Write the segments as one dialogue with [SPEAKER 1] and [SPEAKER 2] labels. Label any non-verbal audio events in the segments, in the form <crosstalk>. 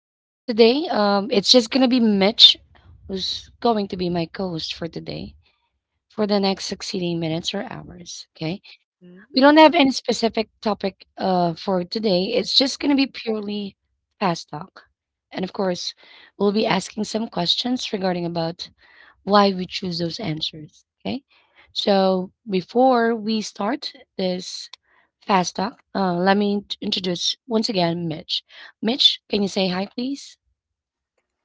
[SPEAKER 1] So, for today, it's just going to be Mitch who's going to be my co host for today for the next succeeding minutes or hours. Okay. We don't have
[SPEAKER 2] Mm.
[SPEAKER 1] any specific topic, for today, it's just going to be purely fast talk. And of course, we'll be asking some questions regarding about why we choose those answers. Okay. So before we start this fast talk, let me introduce once again Mitch. Mitch, can you say hi, please?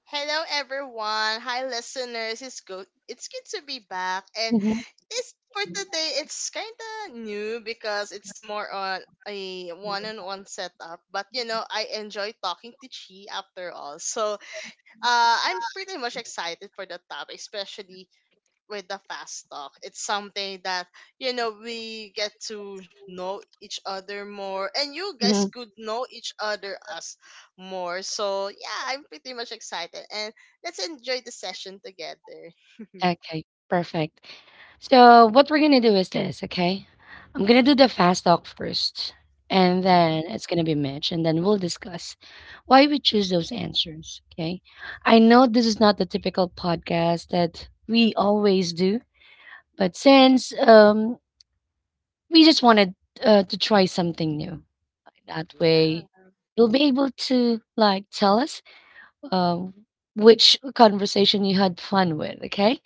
[SPEAKER 2] Hello everyone. Hi listeners. It's good. It's good to be back. And
[SPEAKER 1] Hmm.
[SPEAKER 2] it's for today it's kind of new because it's more on a one-on-one setup, but you know, I enjoy talking to Chi after all. So, I'm pretty much excited for the topic, especially with the fast talk. It's something that we get to know each other more, and you guys
[SPEAKER 1] Hmm.
[SPEAKER 2] could know each other us more. So yeah, I'm pretty much excited, and let's enjoy the session together. <laughs>
[SPEAKER 1] Okay, perfect. So what we're gonna do is this, okay? I'm gonna do the fast talk first, and then
[SPEAKER 2] Mm-hmm.
[SPEAKER 1] it's gonna be Mitch, and then we'll discuss why we choose those answers. Okay? I know this is not the typical podcast that we always do, but since, we just wanted, to try something new, that way
[SPEAKER 2] Yeah,
[SPEAKER 1] you'll be able to like tell us, um, which conversation you had fun with. Okay,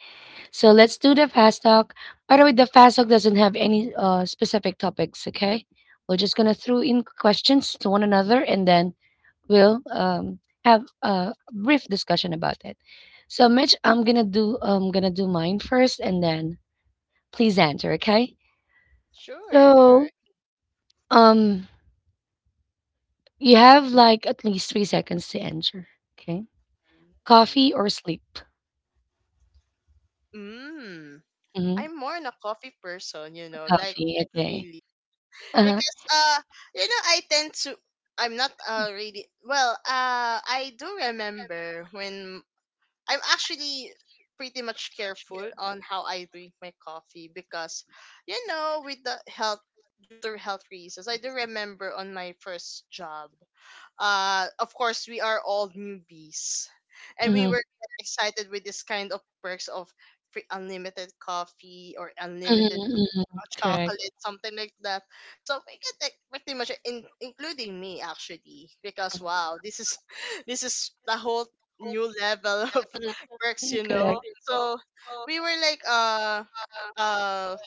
[SPEAKER 1] so let's do the fast talk. By the way, the fast talk doesn't have any, specific topics. Okay, we're just gonna throw in questions to one another, and then we'll, have a brief discussion about it. So, Mitch, I'm gonna do mine first, and then please answer. Okay.
[SPEAKER 2] sure,
[SPEAKER 1] So, Um, you have like at least 3 seconds to answer. Okay.
[SPEAKER 2] Mm,
[SPEAKER 1] Coffee or sleep?
[SPEAKER 2] Mm.
[SPEAKER 1] Hmm.
[SPEAKER 2] I'm more on a coffee person, you know, like
[SPEAKER 1] Coffee. Okay.
[SPEAKER 2] really.
[SPEAKER 1] Uh-huh.
[SPEAKER 2] Because you know, I tend to I'm not really well, I do remember when I'm actually pretty much careful on how I drink my coffee because, you know, with the health due to health reasons, I do remember on my first job. Of course, we are all newbies, and we
[SPEAKER 1] Hmm.
[SPEAKER 2] were excited with this kind of perks of free unlimited coffee or unlimited
[SPEAKER 1] Hmm. Correct.
[SPEAKER 2] chocolate, something like that. So we could like pretty much including me actually, because wow, this is <laughs> this is the whole new level <laughs> of works,
[SPEAKER 1] Mhm.
[SPEAKER 2] you
[SPEAKER 1] Correct.
[SPEAKER 2] know. So we were like uh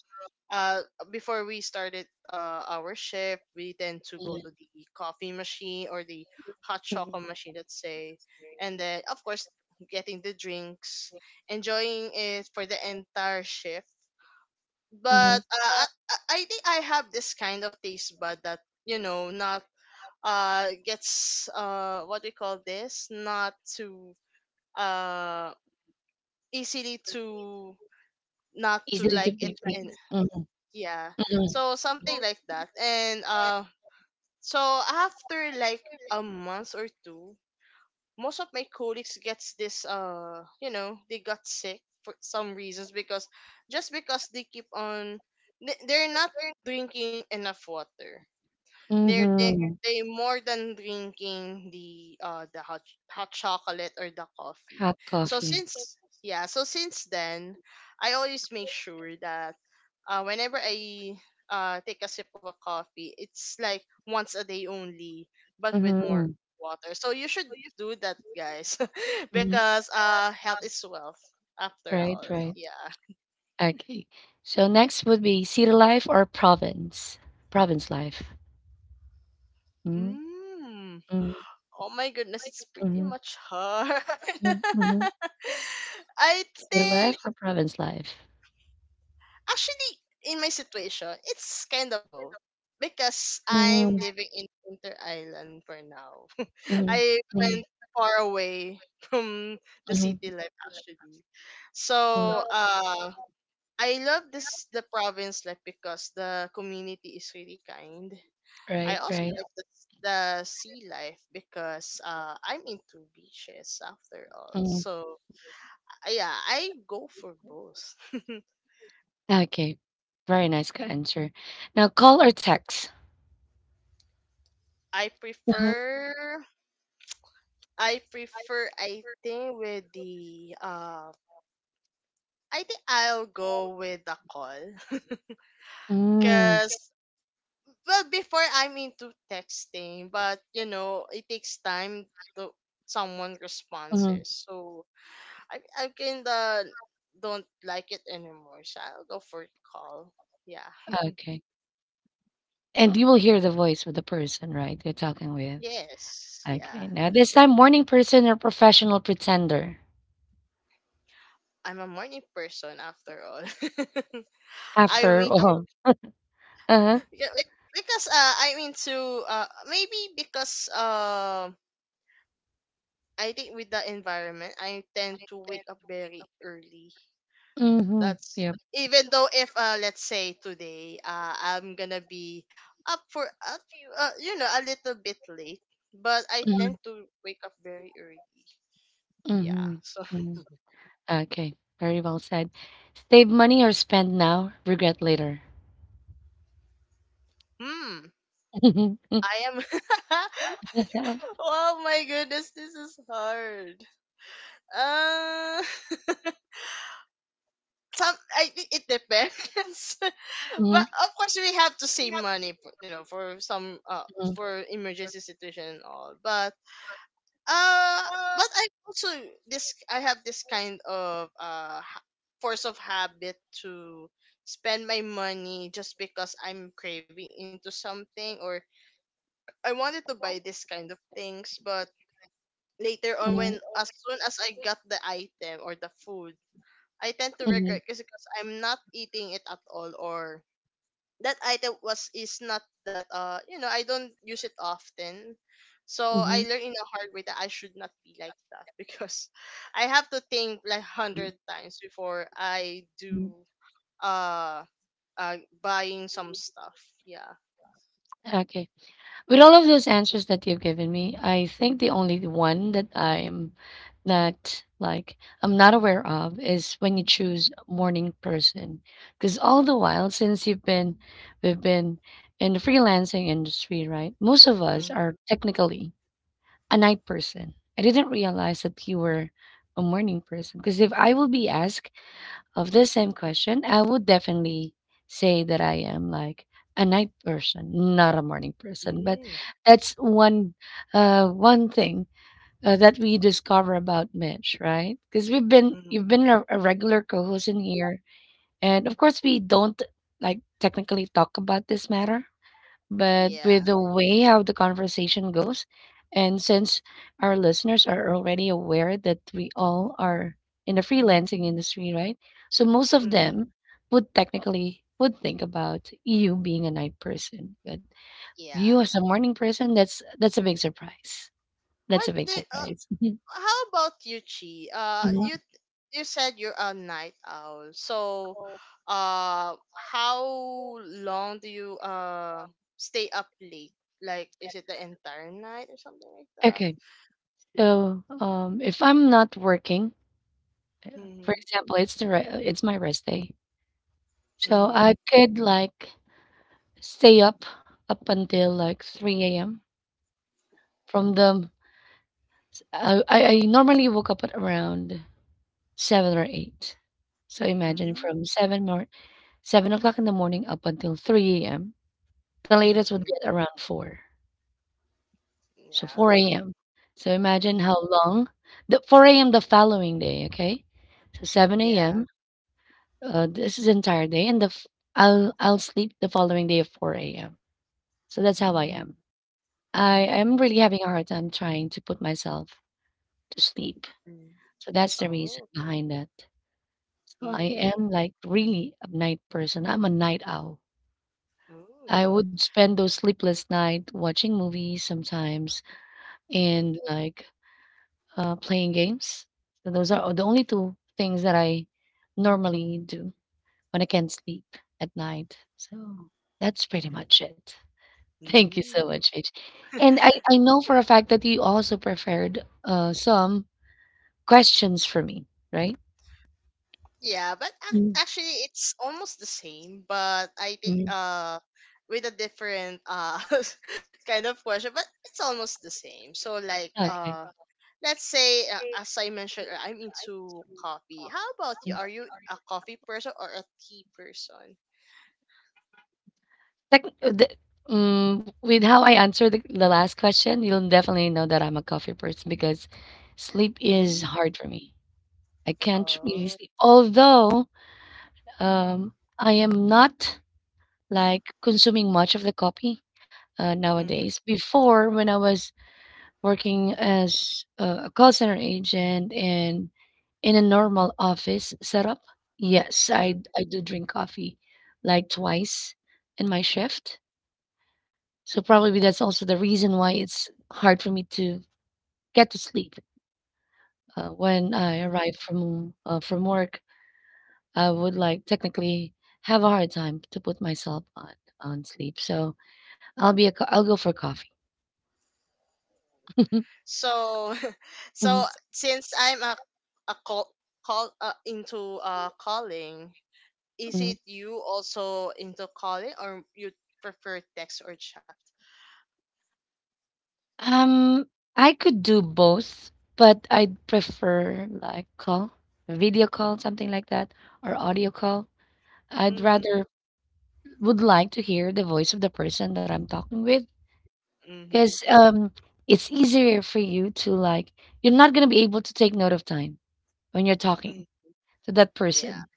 [SPEAKER 2] uh before we started our shift, we tend to go
[SPEAKER 1] Mm-hmm.
[SPEAKER 2] to the coffee machine or the hot chocolate machine, let's say, and then of course getting the drinks, enjoying it for the entire shift
[SPEAKER 1] Mm-hmm.
[SPEAKER 2] but I think I have this kind of taste bud that you know not gets what do you call this, not too uh easily to not
[SPEAKER 1] Easy
[SPEAKER 2] to
[SPEAKER 1] to
[SPEAKER 2] like it and
[SPEAKER 1] deplete. Mm-hmm.
[SPEAKER 2] yeah, so something like that and So after like a month or two, most of my colleagues gets this you know, they got sick for some reasons because just because they keep on they're not drinking enough water, they're they,
[SPEAKER 1] Mm-hmm.
[SPEAKER 2] they more than drinking the hot hot chocolate or the coffee.
[SPEAKER 1] Hot
[SPEAKER 2] So
[SPEAKER 1] coffee.
[SPEAKER 2] since Yeah, so since then, I always make sure that whenever I take a sip of a coffee, it's like once a day only, but with more
[SPEAKER 1] Mm-hmm.
[SPEAKER 2] water. So you should do that, guys, <laughs>
[SPEAKER 1] Hmm.
[SPEAKER 2] because health is wealth after
[SPEAKER 1] Right,
[SPEAKER 2] all.
[SPEAKER 1] right.
[SPEAKER 2] Yeah.
[SPEAKER 1] Okay. So next would be city life or province? Province life. Mm-hmm.
[SPEAKER 2] Mm.
[SPEAKER 1] Mm-hmm.
[SPEAKER 2] Oh my goodness, it's pretty
[SPEAKER 1] Mm-hmm.
[SPEAKER 2] much hard.
[SPEAKER 1] <laughs> Mm-hmm.
[SPEAKER 2] <laughs> I
[SPEAKER 1] City life
[SPEAKER 2] think
[SPEAKER 1] or province life?
[SPEAKER 2] Actually, in my situation, it's kind of both because I'm
[SPEAKER 1] Mm.
[SPEAKER 2] living in Inter Island for now. <laughs>
[SPEAKER 1] Mhm.
[SPEAKER 2] I went
[SPEAKER 1] Mhm.
[SPEAKER 2] far away from the
[SPEAKER 1] Mhm. Mhm.
[SPEAKER 2] city life actually. So,
[SPEAKER 1] So,
[SPEAKER 2] I love this the province life because the community is really kind. I
[SPEAKER 1] right,
[SPEAKER 2] also
[SPEAKER 1] right.
[SPEAKER 2] like the sea life because I'm into beaches after all.
[SPEAKER 1] Mhm.
[SPEAKER 2] So yeah, I go for both.
[SPEAKER 1] Okay. Very nice answer. Now call or text?
[SPEAKER 2] I
[SPEAKER 1] Uh-huh.
[SPEAKER 2] prefer I prefer. I think with the I think I'll go with the call. <laughs>
[SPEAKER 1] Mm.
[SPEAKER 2] Because well, before I'm into texting but you know it takes time to someone
[SPEAKER 1] Mhm.
[SPEAKER 2] responses, so I kinda don't like it anymore, so I'll go for call, yeah.
[SPEAKER 1] Okay. And you will hear the voice of the person, right? You're talking with.
[SPEAKER 2] Yes, yeah.
[SPEAKER 1] Okay. Now this time morning person or professional pretender?
[SPEAKER 2] I'm a morning person after all. <laughs> I
[SPEAKER 1] After
[SPEAKER 2] wake up,
[SPEAKER 1] all. Uh-huh.
[SPEAKER 2] yeah, like, because I'm into maybe because I think with the environment, I tend to wake up very early.
[SPEAKER 1] Mm-hmm.
[SPEAKER 2] That's
[SPEAKER 1] Yep.
[SPEAKER 2] even though if let's say today I'm gonna be up for a few you know a little bit late, but I
[SPEAKER 1] Mm-hmm.
[SPEAKER 2] tend to wake up very early. Yeah.
[SPEAKER 1] Mm-hmm.
[SPEAKER 2] So
[SPEAKER 1] Mm-hmm. Okay. Very well said. Save money or spend now, regret later.
[SPEAKER 2] <laughs> hmm
[SPEAKER 1] Mhm. Mm,
[SPEAKER 2] I am <laughs>
[SPEAKER 1] okay.
[SPEAKER 2] oh my goodness, this is hard. Uh <laughs> some, I think it depends. <laughs>
[SPEAKER 1] Mhm.
[SPEAKER 2] But of course we have to save money, you know, for some
[SPEAKER 1] Mhm.
[SPEAKER 2] for emergency situation and all. Uh, but I also this I have this kind of force of habit to spend my money just because I'm craving into something or I wanted to buy this kind of things, but later on,
[SPEAKER 1] Mhm.
[SPEAKER 2] when as soon as I got the item or the food, I tend to
[SPEAKER 1] Mhm.
[SPEAKER 2] regret because I'm not eating it at all or that item was is not that you know, I don't use it often. So I
[SPEAKER 1] Mhm.
[SPEAKER 2] learned in a hard way that I should not be like that <laughs> because I have to think like hundred times before I
[SPEAKER 1] Mhm.
[SPEAKER 2] do uh buying some stuff. Yeah.
[SPEAKER 1] Okay. With all of those answers that you've given me, I think the only one that not like I'm not aware of is when you choose morning person. Because all the while since you've been we've been in the freelancing industry, right? Most of us
[SPEAKER 2] Mm-hmm.
[SPEAKER 1] are technically a night person. I didn't realize that you were a morning person. Because if I will be asked of the same question, I would definitely say that I am like a night person, not a morning person. But
[SPEAKER 2] Mm-hmm.
[SPEAKER 1] that's one thing, that we discover about Mitch, right? Because we've been you've been a regular co-host in here, and of course we don't like technically talk about this matter, but
[SPEAKER 2] Yeah.
[SPEAKER 1] with the way how the conversation goes, and since our listeners are already aware that we all are in the freelancing industry, right? So most of
[SPEAKER 2] Mm-hmm.
[SPEAKER 1] them would technically would think about you being a night person, but
[SPEAKER 2] Yeah.
[SPEAKER 1] you as a morning person, that's a big surprise. That's
[SPEAKER 2] What
[SPEAKER 1] a big
[SPEAKER 2] the
[SPEAKER 1] surprise.
[SPEAKER 2] how about you, Chi?
[SPEAKER 1] Mhm.
[SPEAKER 2] You you said you're a night owl, so how long do you stay up late? Like, is it the entire night or something like that?
[SPEAKER 1] Okay, so, if I'm not working, uh, for
[SPEAKER 2] Mhm.
[SPEAKER 1] example, it's the it's my rest day, so I
[SPEAKER 2] Mhm.
[SPEAKER 1] could like stay up until like 3 a.m. From the I normally woke up at around 7 or 8. So imagine from
[SPEAKER 2] Mhm.
[SPEAKER 1] 7 more 7 o'clock in the morning up until 3 a.m. The latest would be
[SPEAKER 2] Mhm.
[SPEAKER 1] at around 4. So
[SPEAKER 2] Yeah.
[SPEAKER 1] 4 a.m. So imagine
[SPEAKER 2] Mhm.
[SPEAKER 1] how long, the 4 a.m. the following day, okay? So 7
[SPEAKER 2] Yeah.
[SPEAKER 1] a.m. This is entire day, and the I'll sleep the following day at 4 a.m. So that's how I am. I am really having a hard time trying to put myself to sleep.
[SPEAKER 2] Mhm.
[SPEAKER 1] So that's the reason
[SPEAKER 2] Oh.
[SPEAKER 1] behind that. So I
[SPEAKER 2] Mm.
[SPEAKER 1] am like really a night person. I'm a night owl. I
[SPEAKER 2] Oh.
[SPEAKER 1] would spend those sleepless night watching movies sometimes,
[SPEAKER 2] Mm.
[SPEAKER 1] and like, playing games. So those are the only two things that I normally do when I can't sleep at night. So that's pretty much it. <laughs> Thank you so
[SPEAKER 2] Mm.
[SPEAKER 1] much, Paige.
[SPEAKER 2] <laughs>
[SPEAKER 1] And I know for a fact that you also prepared, some questions for me, right?
[SPEAKER 2] Yeah, but
[SPEAKER 1] Mhm.
[SPEAKER 2] actually, it's almost the same. But I think
[SPEAKER 1] Mhm.
[SPEAKER 2] with a different <laughs> kind of question, but it's almost the same. So like
[SPEAKER 1] Okay.
[SPEAKER 2] let's say as I mentioned, I'm into coffee. How about you? Are you a coffee person or a tea person?
[SPEAKER 1] Like, with how I answered the last question, you'll definitely know that I'm a coffee person because sleep is
[SPEAKER 2] Mm.
[SPEAKER 1] hard for me. I can't really
[SPEAKER 2] Oh.
[SPEAKER 1] sleep. Although, I am not like consuming much of the coffee,
[SPEAKER 2] Mm-hmm,
[SPEAKER 1] nowadays. Before, when I was working as a call center agent and in a normal office setup, yes,
[SPEAKER 2] mm-hmm.
[SPEAKER 1] I do drink coffee like twice in my shift. So probably that's also the reason why it's hard for me to get to sleep. When I arrive from, from work, I would like technically have a hard time to put myself on sleep. So I'll be I'll go for coffee. <laughs>
[SPEAKER 2] So, <laughs> so
[SPEAKER 1] Mhm.
[SPEAKER 2] since I'm a a call call into calling, is it
[SPEAKER 1] Mhm.
[SPEAKER 2] you also into calling or you prefer text or chat?
[SPEAKER 1] Um, I could do both, but I'd prefer like call, video call, something like that, or audio call. I'd
[SPEAKER 2] Mhm.
[SPEAKER 1] rather would like to hear the voice of the person that I'm talking with,
[SPEAKER 2] Mhm.
[SPEAKER 1] because, it's easier for you to, like, you're not going to be able to take note of time when you're talking
[SPEAKER 2] Mm.
[SPEAKER 1] to that
[SPEAKER 2] Yeah.
[SPEAKER 1] person,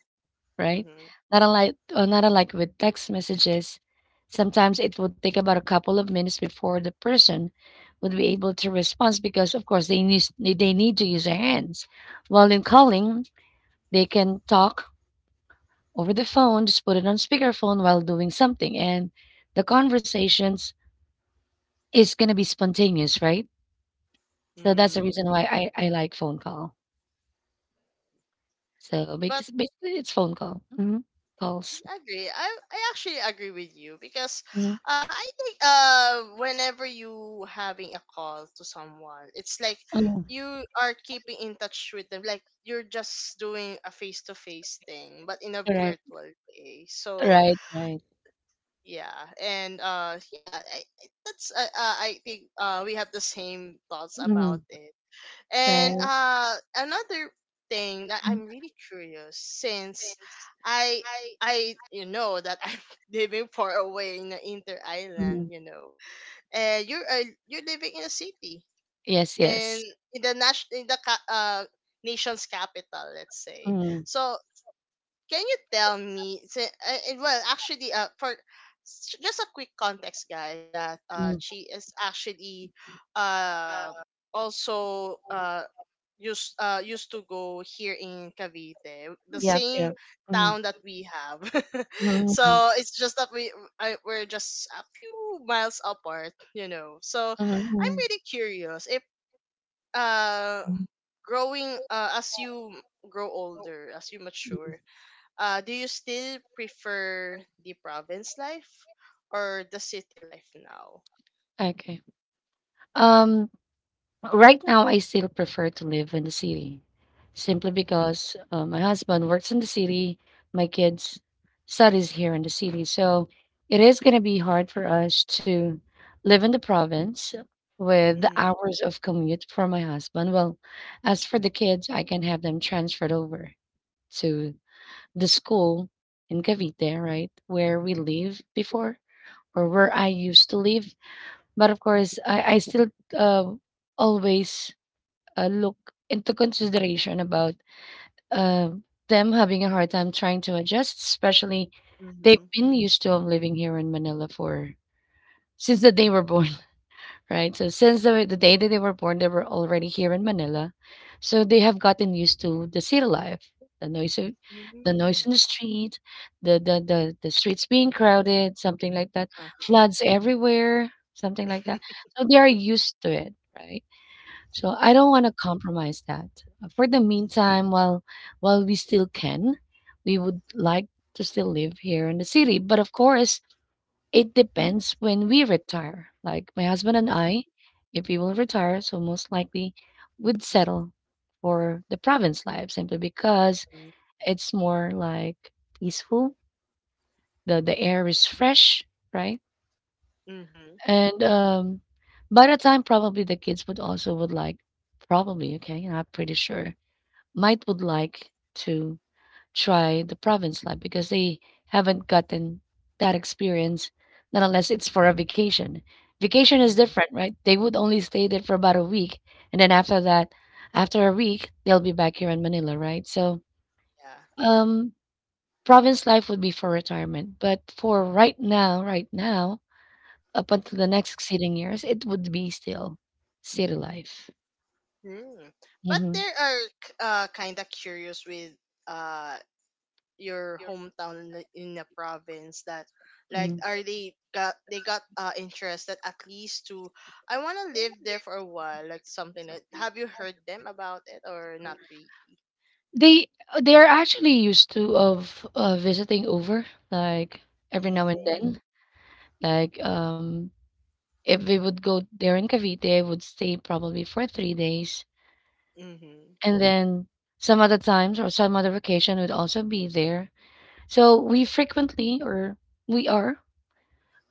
[SPEAKER 1] right?
[SPEAKER 2] Mhm.
[SPEAKER 1] Not unlike with text messages, sometimes it would take about a couple of minutes before the person would be able to respond, because of course they need they need to use their hands, while in calling they can talk over the phone, just put it on speakerphone while doing something, and the conversations is going to be spontaneous, right? So that's the
[SPEAKER 2] Mm.
[SPEAKER 1] reason why
[SPEAKER 2] Yeah.
[SPEAKER 1] I like phone call. So
[SPEAKER 2] But
[SPEAKER 1] because basically it's phone call. Mhm. Calls.
[SPEAKER 2] I agree. I actually agree with you because
[SPEAKER 1] Mhm.
[SPEAKER 2] I think whenever you having a call to someone, it's like
[SPEAKER 1] Mhm.
[SPEAKER 2] you are keeping in touch with them, like you're just doing a face to face thing but in a
[SPEAKER 1] Correct.
[SPEAKER 2] virtual way. So
[SPEAKER 1] Right, right.
[SPEAKER 2] yeah, and yeah, that's I think we have the same thoughts
[SPEAKER 1] Mhm.
[SPEAKER 2] about it. And
[SPEAKER 1] Right.
[SPEAKER 2] another thing that
[SPEAKER 1] Mm.
[SPEAKER 2] I'm really curious since I I you know that <laughs> I'm living far away in the inter
[SPEAKER 1] Mhm.
[SPEAKER 2] island, you know, and you're living in a city
[SPEAKER 1] Yes,
[SPEAKER 2] and
[SPEAKER 1] yes.
[SPEAKER 2] in the national in the nation's capital, let's say.
[SPEAKER 1] Mhm.
[SPEAKER 2] So can you tell me and well, actually, for just a quick context, guys, that
[SPEAKER 1] Mm.
[SPEAKER 2] she is actually uh also used used to go here in Cavite the
[SPEAKER 1] Yep,
[SPEAKER 2] same
[SPEAKER 1] yep. Mhm.
[SPEAKER 2] town that we have. <laughs>
[SPEAKER 1] Mhm.
[SPEAKER 2] So it's just that we're just a few miles apart, you know, so I'm
[SPEAKER 1] Mhm.
[SPEAKER 2] really curious if uh
[SPEAKER 1] Mhm.
[SPEAKER 2] growing as you grow older, as you
[SPEAKER 1] Mhm.
[SPEAKER 2] mature, do you still prefer the province life or the city life now?
[SPEAKER 1] Okay. Um Right now, I still prefer to live in the city, simply because, my husband works in the city, my kids studies here in the city. So it is going to be hard for us to live in the province with the
[SPEAKER 2] Mhm.
[SPEAKER 1] hours of commute for my husband. Well, as for the kids, I can have them transferred over to the school in Cavite, right, where we live before or where I used to live. But of course, I still, uh, always, look into consideration about, uh, them having a hard time trying to adjust, especially
[SPEAKER 2] Mm-hmm.
[SPEAKER 1] they've been used to, living here in Manila for since the day they were born, <laughs> right? So since the day that they were born, they were already here in Manila, so they have gotten used to the city life, the noise of the noise in the
[SPEAKER 2] Mm-hmm.
[SPEAKER 1] street, the streets being crowded, something like that,
[SPEAKER 2] Uh,
[SPEAKER 1] floods everywhere, something like that. So they are used to it, right? So I don't wanna
[SPEAKER 2] Oh.
[SPEAKER 1] compromise that. For the meantime, while we still can, we would like to still live here in the city. But of course, it depends when we retire. Like my husband and
[SPEAKER 2] Mm-hmm.
[SPEAKER 1] I, if we will retire, so most likely would settle for the province life, simply because
[SPEAKER 2] Mm-hmm.
[SPEAKER 1] it's more like peaceful. The air is fresh, right?
[SPEAKER 2] Mm-hmm.
[SPEAKER 1] And, by the time, probably the kids would also would like, probably okay, not pretty sure, might would like to try the province life because they haven't gotten that experience, not unless it's for a vacation. Vacation is different, right? They would only stay there for about a week, and then after that, after a week, they'll be back here in Manila, right? So,
[SPEAKER 2] Yeah.
[SPEAKER 1] um, province life would be for retirement, but for right now, up until the
[SPEAKER 2] Mhm.
[SPEAKER 1] next succeeding years, it would be still city life.
[SPEAKER 2] Mm. But
[SPEAKER 1] Hmm.
[SPEAKER 2] there are kind of curious with uh your hometown in a province, that like are they got interested at least to I want to live there for a while, like something that, have you heard them about it or not really?
[SPEAKER 1] They they are actually used to of, visiting over, like, every now and
[SPEAKER 2] Mm-hmm.
[SPEAKER 1] then. Like, if we would go there in Cavite, would stay probably for 3 days,
[SPEAKER 2] Mm-hmm.
[SPEAKER 1] and then some other times or some other vacation would also be there. So we frequently or we are,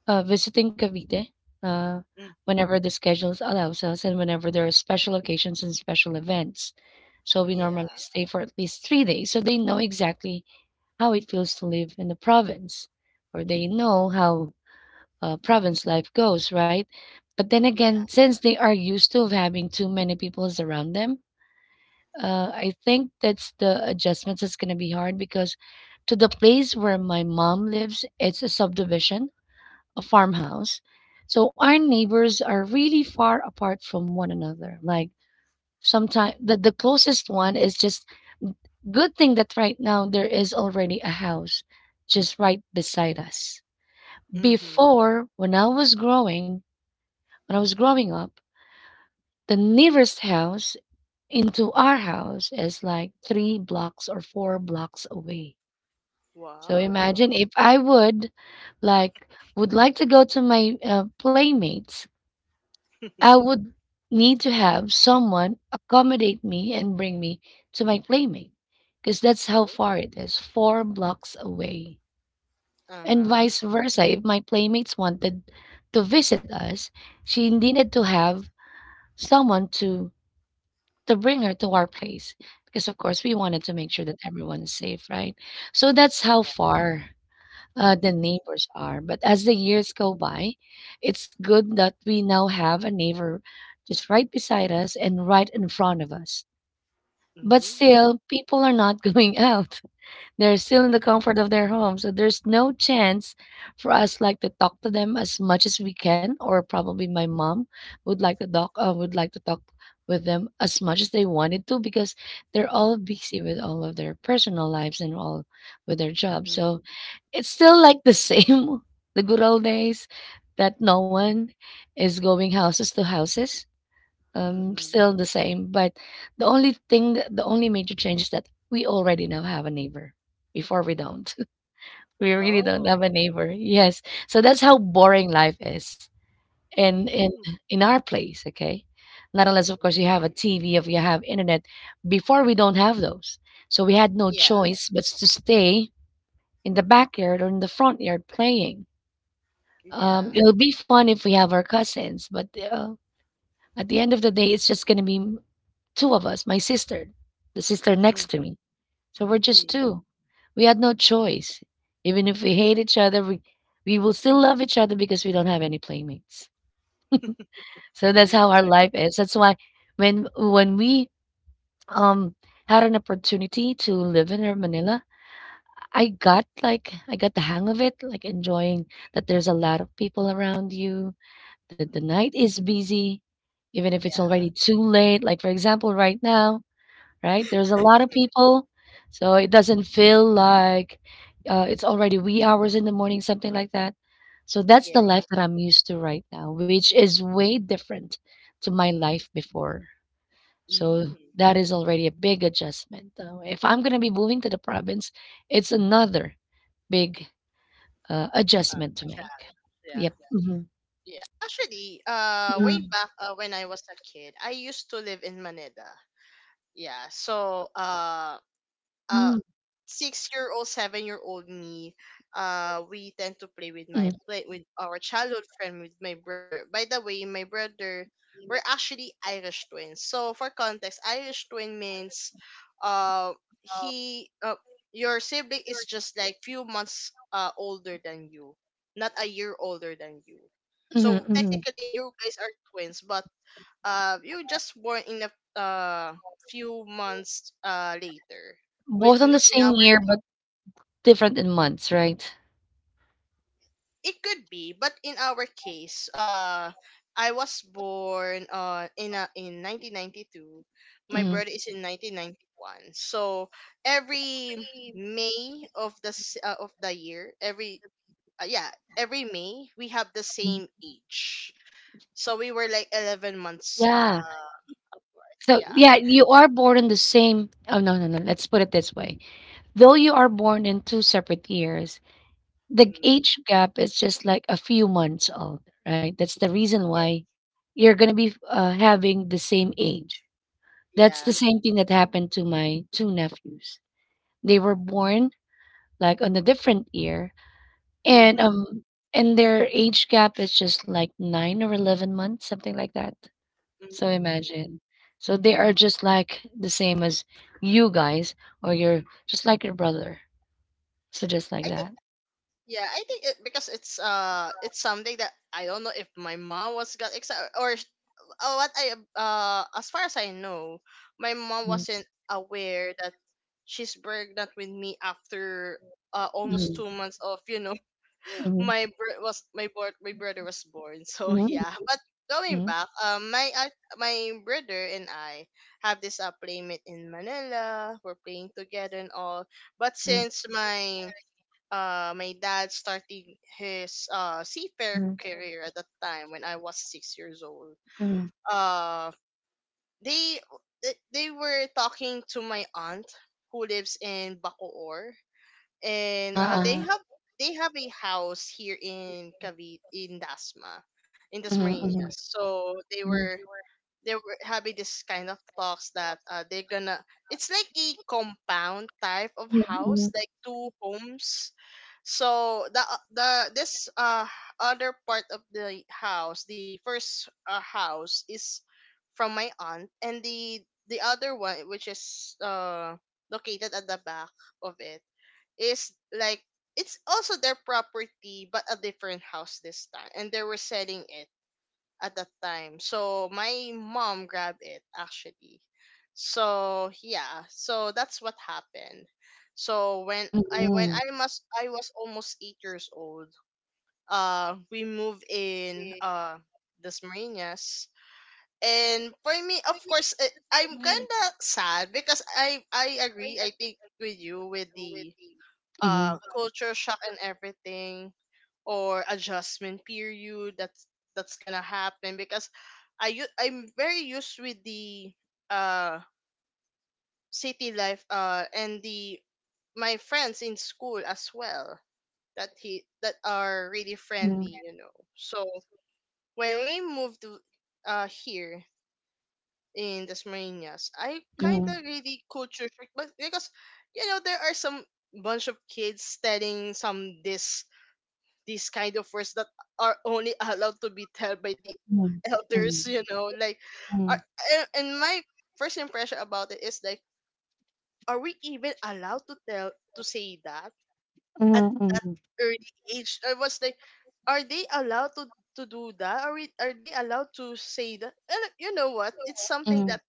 [SPEAKER 1] visiting Cavite, uh,
[SPEAKER 2] Mm.
[SPEAKER 1] whenever the schedules allows us and whenever there are special occasions and special events. So we normally
[SPEAKER 2] Yeah,
[SPEAKER 1] stay for at least 3 days, so they know exactly how it feels to live in the province, or they know how, province life goes, right? But then again,
[SPEAKER 2] yeah.
[SPEAKER 1] since they are used to of having too many people around them, I think that's the adjustments that's going to be hard because to the place where my mom lives, it's a subdivision, a farmhouse. So our neighbors are really far apart from one another. Like sometimes
[SPEAKER 2] Mm.
[SPEAKER 1] the closest one is just. Good thing that right now there is already a house just right beside us.
[SPEAKER 2] Mm-hmm.
[SPEAKER 1] Before, when I was growing up, the nearest house into our house is like three blocks or four blocks away. So
[SPEAKER 2] Wow.
[SPEAKER 1] imagine if I like would like to go to my playmates, I
[SPEAKER 2] <laughs>
[SPEAKER 1] would need to have someone accommodate me and bring me to my playmate because that's how
[SPEAKER 2] Oh.
[SPEAKER 1] far it is, four blocks away.
[SPEAKER 2] Uh-huh.
[SPEAKER 1] And vice versa, if my playmates wanted to visit us, she needed to have someone to bring her to our place because of course we wanted to make sure that everyone is safe, right? So that's how
[SPEAKER 2] Yeah.
[SPEAKER 1] far the
[SPEAKER 2] Mm-hmm.
[SPEAKER 1] neighbors are. But as the years go by, it's good that we now have a neighbor just right beside us and right in front of us. But
[SPEAKER 2] Mm-hmm.
[SPEAKER 1] still, people are not <laughs> going out. They're still in the comfort of their home, so there's no chance for us like to talk to them as much as we can, or probably my mom would like to talk with them as much as they wanted to because they're all busy with all of their personal lives and all with their jobs.
[SPEAKER 2] Mm-hmm.
[SPEAKER 1] So it's still like the same, <laughs> the good old days that no one is going houses to houses,
[SPEAKER 2] Mm-hmm.
[SPEAKER 1] still the same. But the only thing, the only major change is that we already now have a neighbor. Before we don't, <laughs> we really don't
[SPEAKER 2] Oh.
[SPEAKER 1] have a neighbor. Yes, so that's how boring life is in in
[SPEAKER 2] Mm-hmm.
[SPEAKER 1] in our place. Okay, not unless of course you have a TV, if you have internet. Before we don't have those, so we had no
[SPEAKER 2] Yeah.
[SPEAKER 1] choice but to stay in the backyard or in the front yard playing.
[SPEAKER 2] Yeah.
[SPEAKER 1] It'll be fun if we have our cousins, but at the end of the day, it's just going to be two of us, my sister, the sister next to me. So we're just
[SPEAKER 2] Mm-hmm.
[SPEAKER 1] two. We had no choice. Even if we hate each other, we will still love each other because we don't have any playmates. So that's how our
[SPEAKER 2] <laughs>
[SPEAKER 1] life is. That's why when we um had an opportunity to live in Manila, I got the hang of it, like enjoying that there's a lot of people around you, that the night is busy, even if it's
[SPEAKER 2] Yeah,
[SPEAKER 1] already too late. Like, for example, right now, right, there's a lot of people, so it doesn't feel like it's already wee hours in the morning, something like that. So that's the
[SPEAKER 2] yeah.
[SPEAKER 1] life that I'm used to right now, which is way different to my life before. So
[SPEAKER 2] Mm.
[SPEAKER 1] that is already a big adjustment. If I'm going to be moving to the province, it's another big adjustment to
[SPEAKER 2] Chat,
[SPEAKER 1] make.
[SPEAKER 2] yeah.
[SPEAKER 1] Yep. Mm-hmm.
[SPEAKER 2] Yeah. Actually, way back when I was a kid, I used to live in Manila. Yeah. So,
[SPEAKER 1] Hmm.
[SPEAKER 2] uh six-year-old seven-year-old me, we tend
[SPEAKER 1] Hmm.
[SPEAKER 2] to play with our childhood friend with my brother. By the way, my brother, we're actually irish twins. So for context, irish twin means uh he your sibling is just like few months older than you, not a year older than you, so
[SPEAKER 1] Hmm.
[SPEAKER 2] technically you guys are twins, but you just born in a few months later. With
[SPEAKER 1] Both on the
[SPEAKER 2] in our
[SPEAKER 1] same year, but different in months, right?
[SPEAKER 2] It could be, but in our case, I was born in 1992. My
[SPEAKER 1] Mhm.
[SPEAKER 2] brother is in 1991. So every May of the of the year, every uh, yeah every May, we have the same age. So we were like 11 months
[SPEAKER 1] Yeah.
[SPEAKER 2] apart.
[SPEAKER 1] So,
[SPEAKER 2] Yeah.
[SPEAKER 1] yeah, you are born in the same, oh, no, no, no, let's put it this way. Though you are born in 2 separate years, the
[SPEAKER 2] Mm,
[SPEAKER 1] age gap is just like a few months old, right? That's the reason
[SPEAKER 2] yeah.
[SPEAKER 1] why you're gonna be, having the same age. That's the
[SPEAKER 2] Yeah.
[SPEAKER 1] same thing that happened to my 2 nephews. They were born, like, on a different year, and,
[SPEAKER 2] hmm
[SPEAKER 1] and their age gap is just like 9 or 11 months, something like that. So
[SPEAKER 2] Mm.
[SPEAKER 1] imagine. So they are just like the same as you guys, or you're just like your brother. So just like
[SPEAKER 2] I think
[SPEAKER 1] that.
[SPEAKER 2] yeah, I think it because it's something that I don't know if my mom was got excited or sh- what I as far as I know, my mom
[SPEAKER 1] Mhm,
[SPEAKER 2] wasn't aware that she's pregnant with me after almost
[SPEAKER 1] mhm,
[SPEAKER 2] two months of you know <laughs>
[SPEAKER 1] mhm.
[SPEAKER 2] my br- was my board my brother was born. So <laughs> yeah, but going back, my brother and I have this playmate in Manila, we're playing together and all, but since my my dad starting his seafair career at that time, when I was six years old, Uh they they were talking to my aunt who lives in Bacoor, and
[SPEAKER 1] Uh-huh, uh-huh.
[SPEAKER 2] they have a house here in Cavite in
[SPEAKER 1] Mhm,
[SPEAKER 2] Dasmariñas. So
[SPEAKER 1] mhm,
[SPEAKER 2] they were having this kind of talks that they're gonna, it's like a compound type of
[SPEAKER 1] mhm, mhm,
[SPEAKER 2] house, like two homes, so the this other part of the house, the first house is from my aunt, and the other one, which is located at the back of it, is like it's also their property, but a different house this time, and they were selling it at that time. So my mom grabbed it actually. So yeah, so that's what happened. So when I when
[SPEAKER 1] mhm,
[SPEAKER 2] I must I was almost 8 years old. We moved in Las Marinas. And for me, of course, I'm
[SPEAKER 1] mhm,
[SPEAKER 2] kind of sad because I agree. I think with you with the
[SPEAKER 1] mhm, mhm, mhm, mhm,
[SPEAKER 2] culture shock and everything or adjustment period that's gonna happen because I'm very used with the uh city life and the my friends in school as well that are really
[SPEAKER 1] mhm,
[SPEAKER 2] friendly so when we moved to here in Dasmariñas I kind
[SPEAKER 1] mhm,
[SPEAKER 2] of really culture shock. But because you know there are some bunch of kids telling some this these kind of words that are only <laughs> allowed to be told by the
[SPEAKER 1] mhm,
[SPEAKER 2] elders, you know, like are, and my first impression about it is like, are we even allowed to tell to say that at that early age? I was like, are they allowed to do that? Are they allowed to say that? And you know what, it's something that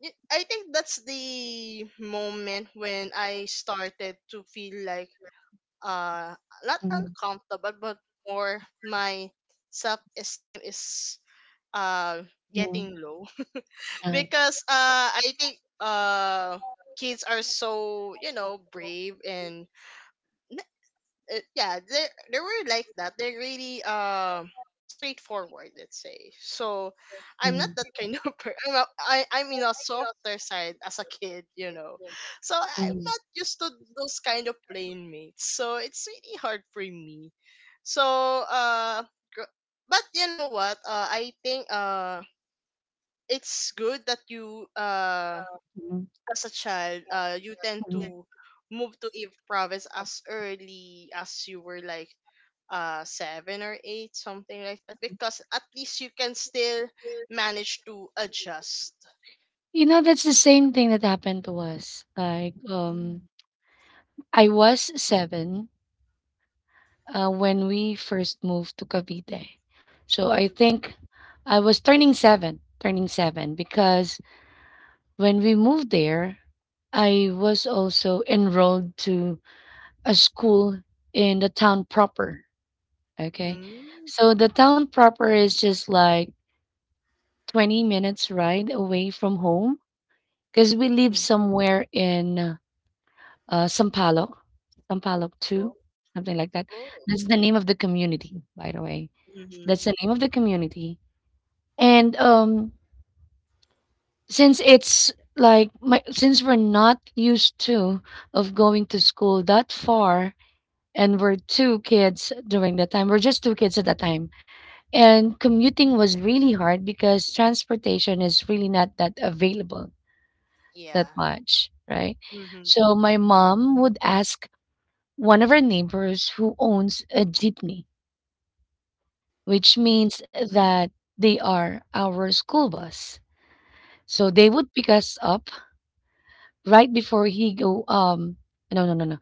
[SPEAKER 2] I think that's the moment when I started to feel like uh not
[SPEAKER 1] mhm, mhm,
[SPEAKER 2] uncomfortable but more my self esteem is uh
[SPEAKER 1] mhm,
[SPEAKER 2] getting low <laughs>
[SPEAKER 1] uh,
[SPEAKER 2] because I think kids are so, you know, brave and yeah, they were like that. They're really straightforward, let's say. So I'm not
[SPEAKER 1] mhm,
[SPEAKER 2] that kind of person. I'm in a softer side as a kid, you know. So I'm
[SPEAKER 1] mhm,
[SPEAKER 2] not used to those kind of playing mates. So it's really hard for me. So uh, gr- but you know what? I think it's good that you
[SPEAKER 1] mhm,
[SPEAKER 2] as a child you tend
[SPEAKER 1] mhm.
[SPEAKER 2] to move to a province as early as you were like seven or eight, something like that, because at least you can still manage to adjust.
[SPEAKER 1] You know, that's the same thing that happened to us. Like, I was seven when we first moved to Cavite. So I think I was turning seven, because when we moved there, I was also enrolled to a school in the town proper. Okay.
[SPEAKER 2] Mm-hmm.
[SPEAKER 1] So the town proper is just like 20 minutes ride away from home because we live somewhere in Sampaloc, Sampaloc
[SPEAKER 2] Oh,
[SPEAKER 1] 2, something like that.
[SPEAKER 2] oh.
[SPEAKER 1] That's the name of the community, by the way. So
[SPEAKER 2] Mm-hmm.
[SPEAKER 1] that's the name of the community. And since since we're not used to of going to school that far, and we're two kids during that time, we're just two kids at that time, and commuting was really hard because transportation is really not that available
[SPEAKER 2] Yeah.
[SPEAKER 1] that much, right?
[SPEAKER 2] Mm-hmm.
[SPEAKER 1] So my mom would ask one of our neighbors who owns a jeepney, which means that they are our school bus. So they would pick us up right before he go no, no, no, no,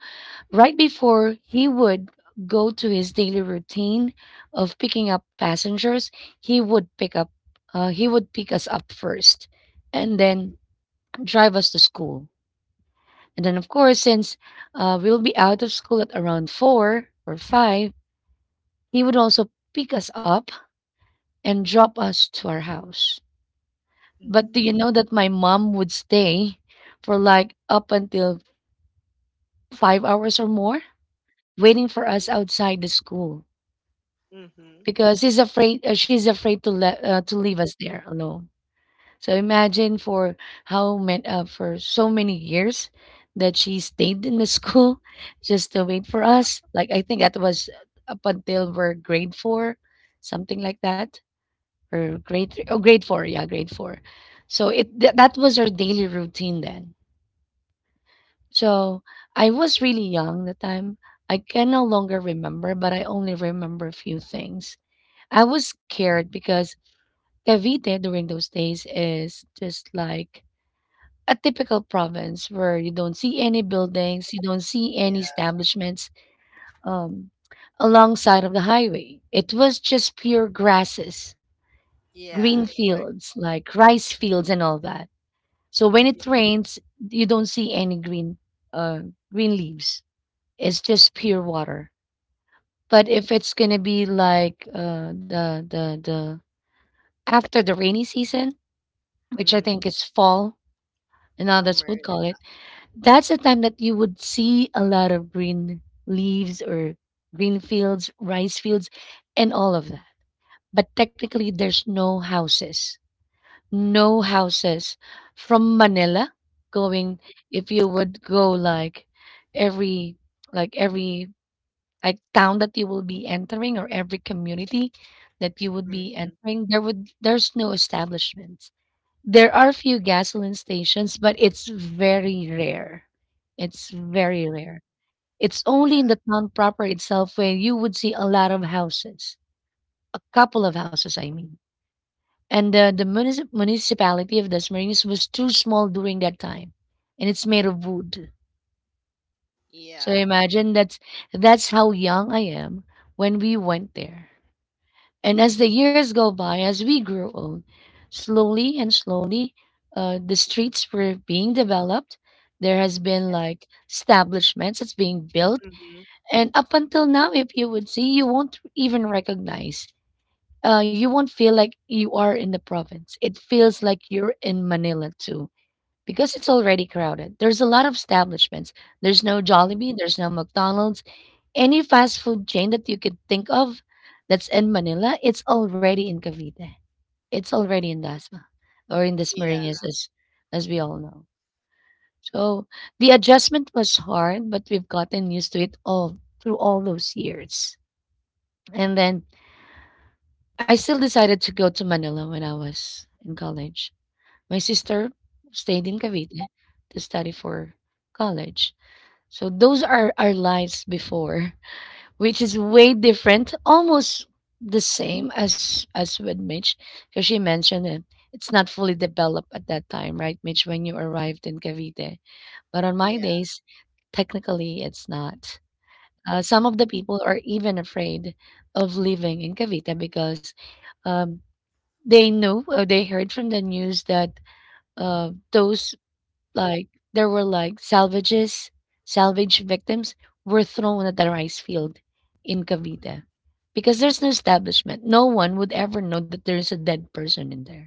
[SPEAKER 1] right before he would go to his daily routine of picking up passengers. he would pick up he would pick us up first and then drive us to school, and then of course since we'll be out of school at around four or five, he would also pick us up and drop us to our house. But do
[SPEAKER 2] Mm-hmm.
[SPEAKER 1] you know that my mom would stay for like up until 5 hours or more, waiting for us outside the school
[SPEAKER 2] Mm-hmm.
[SPEAKER 1] because he's afraid. She's afraid to let to leave us there alone. So imagine for how many for so many years that she stayed in the school <laughs> just to wait for us. Like I think that was up until we're grade four, something like that, or grade three, oh, grade four, yeah, grade four. So that was our daily routine then. So I was really young the time. I can no longer remember, but I only remember a few things. I was scared because Cavite during those days is just like a typical province where you don't see any buildings, you don't see any
[SPEAKER 2] Yeah.
[SPEAKER 1] establishments um, alongside of the highway. It was just pure grasses, green
[SPEAKER 2] Yeah. I,
[SPEAKER 1] fields, like rice fields and all that. So when
[SPEAKER 2] Mm-hmm.
[SPEAKER 1] it rains, you don't see any uh green leaves. It's just pure water. But if it's gonna be like the after the rainy season, which I
[SPEAKER 2] Mm-hmm.
[SPEAKER 1] think is fall, and others
[SPEAKER 2] Summer.
[SPEAKER 1] would call it, that's the time that you would see a lot of green leaves or green fields, rice fields, and all of that. But technically there's no houses. No houses from Manila going, if you would go like every, like every, like town that you will be entering, or every community that you would
[SPEAKER 2] Yeah.
[SPEAKER 1] be
[SPEAKER 2] Mm-hmm.
[SPEAKER 1] entering, there's no establishments. There are few gasoline stations but it's very rare. It's very
[SPEAKER 2] Cool.
[SPEAKER 1] rare. It's only
[SPEAKER 2] Yeah.
[SPEAKER 1] in the town proper itself where you would see a lot of houses. A couple of houses I mean, and the municipality of Des Marines was too small during that time, and it's made of wood. So
[SPEAKER 2] Yeah.
[SPEAKER 1] imagine, that's how young I am when we went there. And as the years go by, as we grew old, slowly and slowly, the streets were being developed. There has been
[SPEAKER 2] Yeah.
[SPEAKER 1] like establishments that's being built,
[SPEAKER 2] Mm-hmm.
[SPEAKER 1] and up until now, if you would see, you won't even recognize you won't feel like you are in the province. It feels like you're in Manila too, because it's already crowded. There's a lot of establishments. There's no
[SPEAKER 2] Mm-hmm.
[SPEAKER 1] Jollibee, there's no McDonald's. Any fast food chain that you could think of that's in Manila, it's already in Cavite. It's already in Dasma or in the
[SPEAKER 2] Yeah.
[SPEAKER 1] Marinas, as we all know. So the adjustment was hard, but we've gotten used to it all through all those years. And then I still decided to go to Manila when I was in college. My sister stayed in Cavite to study for college. So those are our lives before, <laughs> which is way different, almost the same as with Mitch, because she mentioned it. It's not fully developed at that time, right, Mitch, when you arrived in Cavite. But on my
[SPEAKER 2] Yeah.
[SPEAKER 1] days, technically it's not. Some of the people are even afraid of living in Cavite because um, they knew, or they heard from the news that those, like there were like salvage victims were thrown at the rice field in Cavite because there's no establishment, no one would ever know that there's a dead person in there.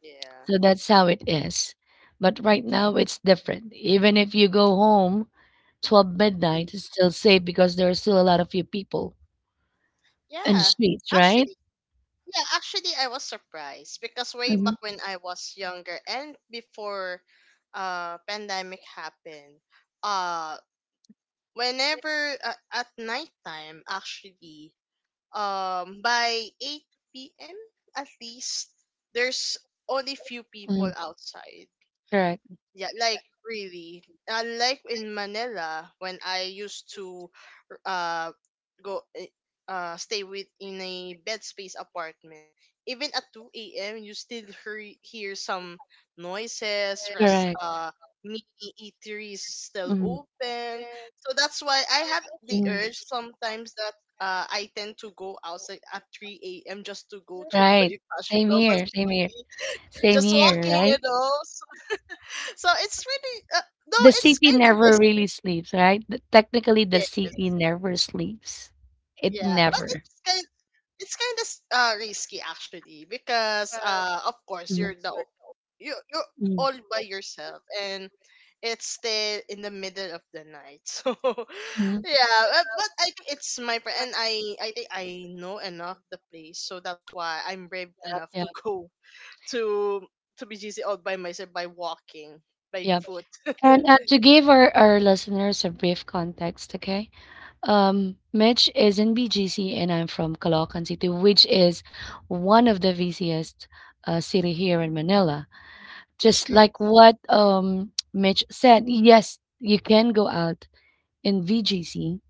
[SPEAKER 2] Yeah.
[SPEAKER 1] So that's how it is, but right now it's different. Even if you go home 12
[SPEAKER 2] Mm.
[SPEAKER 1] midnight, it's still safe because there are still a lot of few people in the
[SPEAKER 2] Yeah.
[SPEAKER 1] streets, right?
[SPEAKER 2] Actually, yeah, actually, I was surprised because way
[SPEAKER 1] Hmm.
[SPEAKER 2] back when I was younger and before pandemic happened, uh whenever at nighttime actually, by 8 p.m. at least there's only few people outside.
[SPEAKER 1] Correct.
[SPEAKER 2] Yeah, like really. Like in Manila, when I used to uh go eh, stay with in a bed space apartment, even at 2 a.m. you still hear some noises. Rest
[SPEAKER 1] Correct.
[SPEAKER 2] Mini eateries still open, so that's why I have the
[SPEAKER 1] Mhm.
[SPEAKER 2] urge sometimes that. I tend to go outside at 3 a.m. just to go to <laughs>
[SPEAKER 1] Right.
[SPEAKER 2] Bonifacio
[SPEAKER 1] Same
[SPEAKER 2] Global
[SPEAKER 1] here. Same here.
[SPEAKER 2] City.
[SPEAKER 1] Same
[SPEAKER 2] Just
[SPEAKER 1] here,
[SPEAKER 2] walking, you
[SPEAKER 1] right?
[SPEAKER 2] know. So so it's really no,
[SPEAKER 1] The
[SPEAKER 2] it's
[SPEAKER 1] CP
[SPEAKER 2] kind of
[SPEAKER 1] never
[SPEAKER 2] risky.
[SPEAKER 1] really sleeps, right? Technically, the
[SPEAKER 2] Yes.
[SPEAKER 1] CP never sleeps. It
[SPEAKER 2] Yeah, but
[SPEAKER 1] never.
[SPEAKER 2] it's kind of risky actually because of course
[SPEAKER 1] Mhm.
[SPEAKER 2] you you're
[SPEAKER 1] Mhm.
[SPEAKER 2] all by yourself and it's still in the middle of the night. <laughs> So
[SPEAKER 1] Mhm.
[SPEAKER 2] yeah, but I think it's and I think I know enough the place, so that's why I'm brave
[SPEAKER 1] Yep,
[SPEAKER 2] enough
[SPEAKER 1] yep,
[SPEAKER 2] to go <laughs> to to BGC all by myself by walking by
[SPEAKER 1] yep.
[SPEAKER 2] foot. <laughs>
[SPEAKER 1] And to give our listeners a brief context, okay? Mitch is in BGC and I'm from Caloocan City, which is one of the busiest city here in Manila. Just like what Mitch said, yes, you can go out in VGC,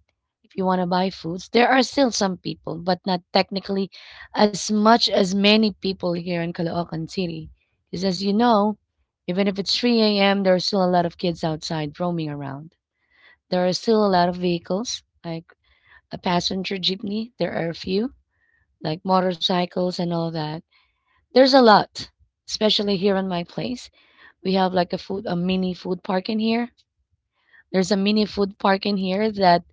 [SPEAKER 1] if you want to buy foods, there are still some people, but not technically as much as many people here in Caloocan City. Because as you know, even if it's 3 a.m., there are still a lot of kids outside roaming around. There are still a lot of vehicles, like a passenger jeepney. There are a few, like motorcycles and all that. There's a lot, especially here in my place. We have like a mini food park in here. There's a mini food park in here that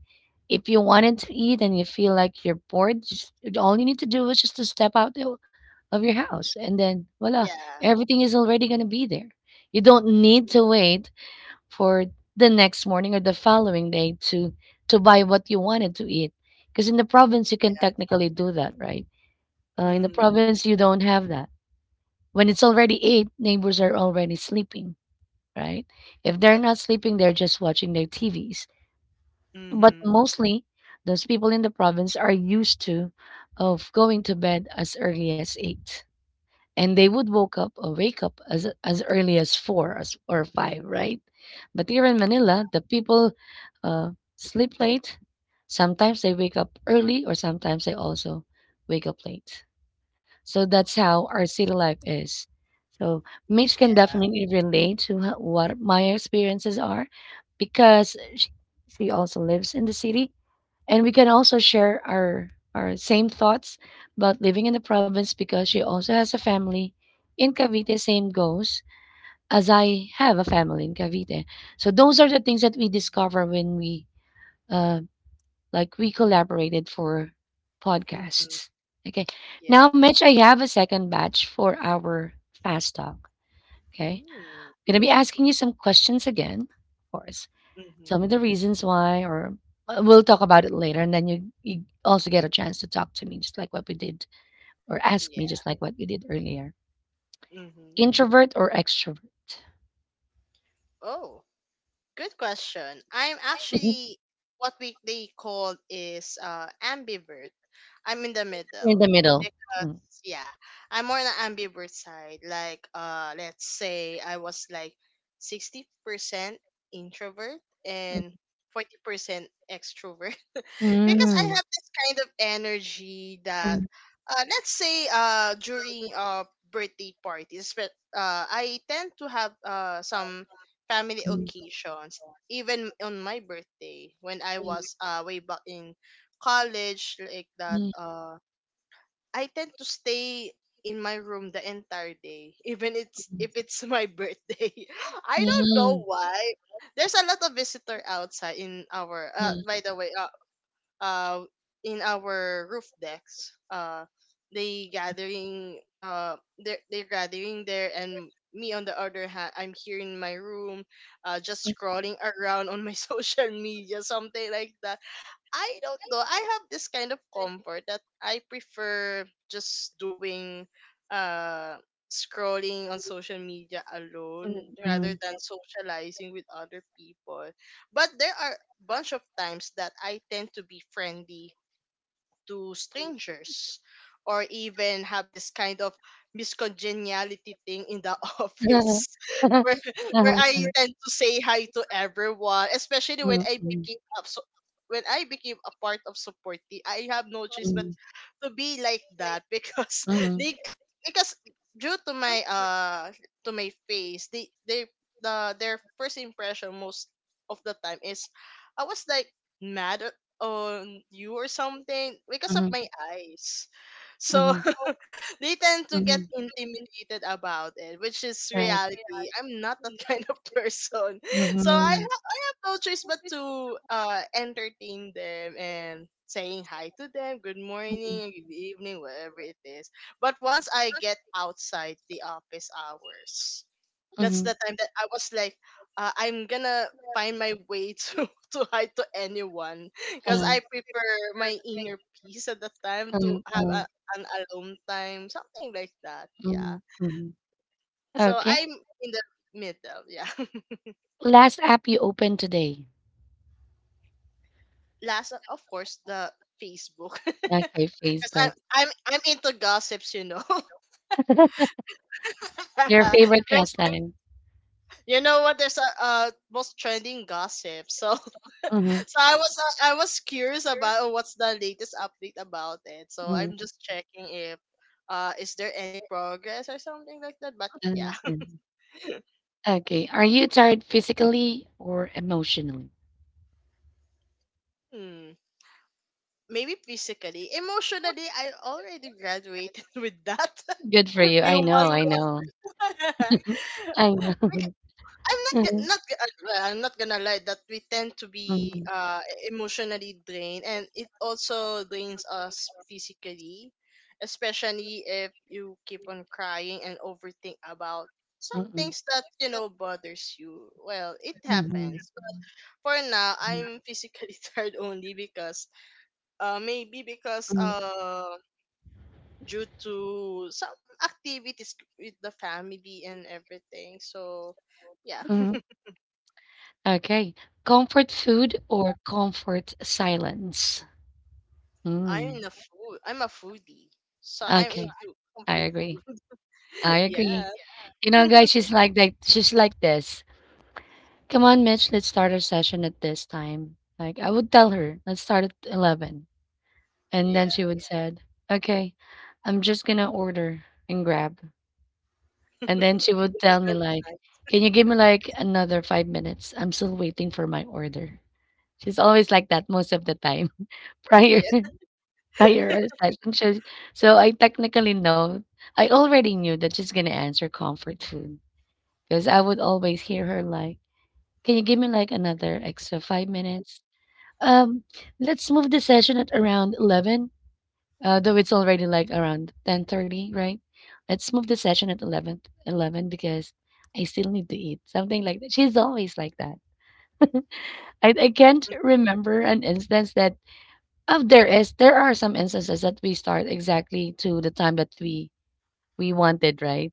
[SPEAKER 1] if you wanted to eat and you feel like you're bored, just all you need to do is just to step out of your house and then voila,
[SPEAKER 2] Yeah.
[SPEAKER 1] everything is already going to be there. You don't need to wait for the next morning or the following day to buy what you wanted to eat because in the province you can
[SPEAKER 2] Yeah.
[SPEAKER 1] technically do that, right? In the
[SPEAKER 2] Hmm.
[SPEAKER 1] province you don't have that. When it's already 8, neighbors are already sleeping, right? If they're not sleeping, they're just watching their TVs. But
[SPEAKER 2] Mhm.
[SPEAKER 1] mostly, those people in the province are used to of going to bed as early as 8. And they would woke up or wake up as early as 4 or 5, right? But here in
[SPEAKER 2] Yeah.
[SPEAKER 1] Manila, the people uh, sleep late. Sometimes they wake up early or sometimes they also wake up late. So that's how our city life is. So Mitch can definitely relate to what my experiences are because she also lives in the city, and we can also share our same thoughts about living in the province because she also has a family in Cavite. Same goes as I have a family in Cavite. So those are the things that we discover when we uh like we collaborated for
[SPEAKER 2] Mhm.
[SPEAKER 1] podcasts. Okay.
[SPEAKER 2] Yeah.
[SPEAKER 1] Now, Mitch, I have a second batch for our fast talk. Okay.
[SPEAKER 2] Mm.
[SPEAKER 1] I'm gonna be asking you some questions again, of course. Tell
[SPEAKER 2] Mhm.
[SPEAKER 1] me the reasons why, or we'll talk about it later, and then you also get a chance to talk to me, just like what we did, or ask me,
[SPEAKER 2] Yeah.
[SPEAKER 1] just like what we did earlier.
[SPEAKER 2] Mhm.
[SPEAKER 1] Introvert or extrovert?
[SPEAKER 2] Oh, good question. I'm
[SPEAKER 1] Mhm.
[SPEAKER 2] actually what we they call is ambivert. I'm in the
[SPEAKER 1] You're in
[SPEAKER 2] middle
[SPEAKER 1] the middle. Mm,
[SPEAKER 2] because yeah, I'm more on the ambivert side. Like let's say I was like 60% introvert and 40% extrovert, because I
[SPEAKER 1] mm,
[SPEAKER 2] have this kind of energy that
[SPEAKER 1] mm,
[SPEAKER 2] let's say during birthday parties, but I tend to have some family
[SPEAKER 1] mm,
[SPEAKER 2] occasions. Even on my birthday when I was way back in college, like that,
[SPEAKER 1] mm, mm.
[SPEAKER 2] I tend to stay in my room the entire day even it's if it's my birthday. <laughs> I don't know
[SPEAKER 1] Mm,
[SPEAKER 2] why there's a lot of visitor outside in our
[SPEAKER 1] mm,
[SPEAKER 2] by the way, uh in our roof decks. They gathering, they're gathering there and me on the other hand, I'm here in my room, just scrolling <laughs> around on my <laughs> social media, something like that. I don't know. I have this kind of comfort that I prefer just doing uh scrolling on social media alone
[SPEAKER 1] mm,
[SPEAKER 2] rather
[SPEAKER 1] mm,
[SPEAKER 2] than socializing with other people. But there are bunch of times that I tend to be friendly to strangers or even have this kind of miscongeniality thing in the <laughs>
[SPEAKER 1] mm.
[SPEAKER 2] office <laughs>
[SPEAKER 1] <laughs>
[SPEAKER 2] where, where
[SPEAKER 1] Uh-huh,
[SPEAKER 2] I tend to say hi to everyone, especially when
[SPEAKER 1] mm,
[SPEAKER 2] I
[SPEAKER 1] mm,
[SPEAKER 2] became up so when I became a part of support team, I have no choice but
[SPEAKER 1] mm,
[SPEAKER 2] to be like that because <laughs>
[SPEAKER 1] mm,
[SPEAKER 2] they c- because due to my face they their first impression most of the time is I was like mad on you or something because of
[SPEAKER 1] mhm,
[SPEAKER 2] my eyes, so
[SPEAKER 1] mhm,
[SPEAKER 2] <laughs> they tend to get
[SPEAKER 1] mhm.
[SPEAKER 2] intimidated about it, which is
[SPEAKER 1] Right.
[SPEAKER 2] reality. I'm not that <laughs> kind of person. So
[SPEAKER 1] Mm-hmm.
[SPEAKER 2] I have no choice but to entertain them and saying hi to them, good morning, good evening, whatever it is. But once I get outside the office hours, that's
[SPEAKER 1] Mm-hmm.
[SPEAKER 2] the time that I was like, I'm gonna find my way to <laughs> to hide to anyone because I prefer my inner peace at the time to
[SPEAKER 1] Mm,
[SPEAKER 2] have
[SPEAKER 1] mm,
[SPEAKER 2] an alone time, something like that.
[SPEAKER 1] mm,
[SPEAKER 2] Yeah.
[SPEAKER 1] mm.
[SPEAKER 2] So
[SPEAKER 1] Okay.
[SPEAKER 2] I'm in the middle. Yeah. <laughs>
[SPEAKER 1] Last app you opened today.
[SPEAKER 2] Last, of course, the Facebook <laughs>
[SPEAKER 1] Okay,
[SPEAKER 2] because I'm
[SPEAKER 1] Facebook.
[SPEAKER 2] I'm I'm into gossips. You know,
[SPEAKER 1] Your
[SPEAKER 2] <laughs>
[SPEAKER 1] favorite
[SPEAKER 2] there's
[SPEAKER 1] pastime.
[SPEAKER 2] you know what, there's a most trending gossip. So
[SPEAKER 1] Mm-hmm.
[SPEAKER 2] so I was curious about oh, what's the latest update about it. So
[SPEAKER 1] Mm,
[SPEAKER 2] I'm just checking if is there any progress or something like that. But
[SPEAKER 1] mm,
[SPEAKER 2] yeah.
[SPEAKER 1] mm. Okay. Are you tired physically or emotionally?
[SPEAKER 2] <laughs> Hmm. Maybe physically, emotionally, I already graduated <laughs> with that
[SPEAKER 1] Good for you.
[SPEAKER 2] <laughs> few
[SPEAKER 1] I know.
[SPEAKER 2] months.
[SPEAKER 1] I know.
[SPEAKER 2] <laughs>
[SPEAKER 1] I
[SPEAKER 2] Because
[SPEAKER 1] know.
[SPEAKER 2] I'm
[SPEAKER 1] <laughs>
[SPEAKER 2] not go-
[SPEAKER 1] Mhm,
[SPEAKER 2] not go- well, I'm not gonna lie that we tend to be
[SPEAKER 1] mhm,
[SPEAKER 2] emotionally drained and it also drains us physically, especially if you keep on crying and overthink about some
[SPEAKER 1] mhm,
[SPEAKER 2] things that you know bothers you. Well, it
[SPEAKER 1] mhm,
[SPEAKER 2] happens. But for now,
[SPEAKER 1] mhm,
[SPEAKER 2] I'm physically <laughs> tired only because maybe because
[SPEAKER 1] mhm,
[SPEAKER 2] due to some activities with the family and everything. So yeah.
[SPEAKER 1] mhm. Okay. Comfort food or comfort silence? Mm.
[SPEAKER 2] I'm a food. I'm a foodie, so I'm
[SPEAKER 1] Okay.
[SPEAKER 2] into
[SPEAKER 1] I
[SPEAKER 2] comfort
[SPEAKER 1] agree.
[SPEAKER 2] food.
[SPEAKER 1] I
[SPEAKER 2] <laughs>
[SPEAKER 1] agree.
[SPEAKER 2] Yeah.
[SPEAKER 1] You know, guys, she's
[SPEAKER 2] <laughs>
[SPEAKER 1] like that. She's like this. Come on, Mitch, let's start our session at this time. Like I would tell her, let's start at 11, and
[SPEAKER 2] Yeah.
[SPEAKER 1] then she would said, "Okay, I'm just gonna order and grab." And then she would
[SPEAKER 2] Even
[SPEAKER 1] tell me
[SPEAKER 2] though it's
[SPEAKER 1] like,
[SPEAKER 2] nice.
[SPEAKER 1] "Can you give me like another 5 minutes? I'm still waiting for my order." She's always like that most of the time. <laughs> Prior,
[SPEAKER 2] Yeah.
[SPEAKER 1] <laughs> prior our session, she, so I technically know. I already knew that she's gonna answer comfort food because I would always hear her like, "Can you give me like another extra 5 minutes? Um, let's move the session at around 11, though it's already like around 10:30, right? Let's move the session at 11, 11 because I still need to eat." Something like that. She's always like that. I can't remember an instance that, oh, there are some instances that we start exactly to the time that we wanted, right?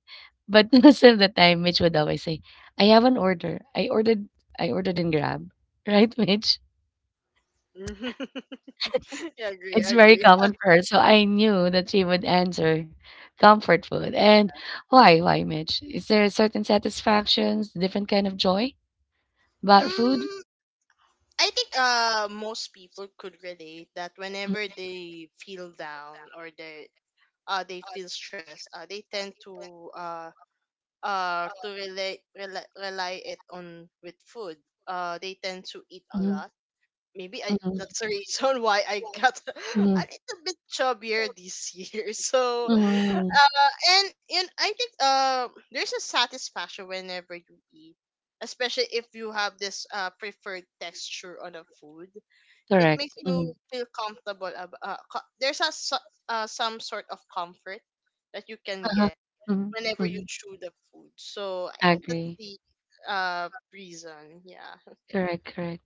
[SPEAKER 1] But <laughs> most of the time, Mitch would always say, "I have an order. I ordered in Grab, <laughs> right, Mitch?"
[SPEAKER 2] <laughs> Yeah, agree,
[SPEAKER 1] It's very
[SPEAKER 2] agree.
[SPEAKER 1] common
[SPEAKER 2] <laughs>
[SPEAKER 1] for her, so I knew that she would answer comfort food.
[SPEAKER 2] Yeah.
[SPEAKER 1] And why, Mitch? Is there certain satisfactions, different kind of joy about food?
[SPEAKER 2] Mm, I think most people could relate that whenever they feel down or they feel stressed, they tend to relate rely, rely it on with food. They tend to eat
[SPEAKER 1] Mm,
[SPEAKER 2] a
[SPEAKER 1] mhm,
[SPEAKER 2] lot, maybe I
[SPEAKER 1] mhm,
[SPEAKER 2] that's the reason why I got <laughs>
[SPEAKER 1] mhm,
[SPEAKER 2] a little bit chubbier this year. <laughs> So,
[SPEAKER 1] mhm.
[SPEAKER 2] and I think there's a satisfaction whenever you eat, especially if you have this preferred texture on a food. It
[SPEAKER 1] Correct.
[SPEAKER 2] makes
[SPEAKER 1] Mhm,
[SPEAKER 2] you feel comfortable. There's some sort of comfort that you can
[SPEAKER 1] uh-huh,
[SPEAKER 2] get
[SPEAKER 1] mhm,
[SPEAKER 2] whenever you
[SPEAKER 1] mhm.
[SPEAKER 2] chew the food. So I think that's
[SPEAKER 1] Agree.
[SPEAKER 2] the reason. Yeah.
[SPEAKER 1] Correct, correct.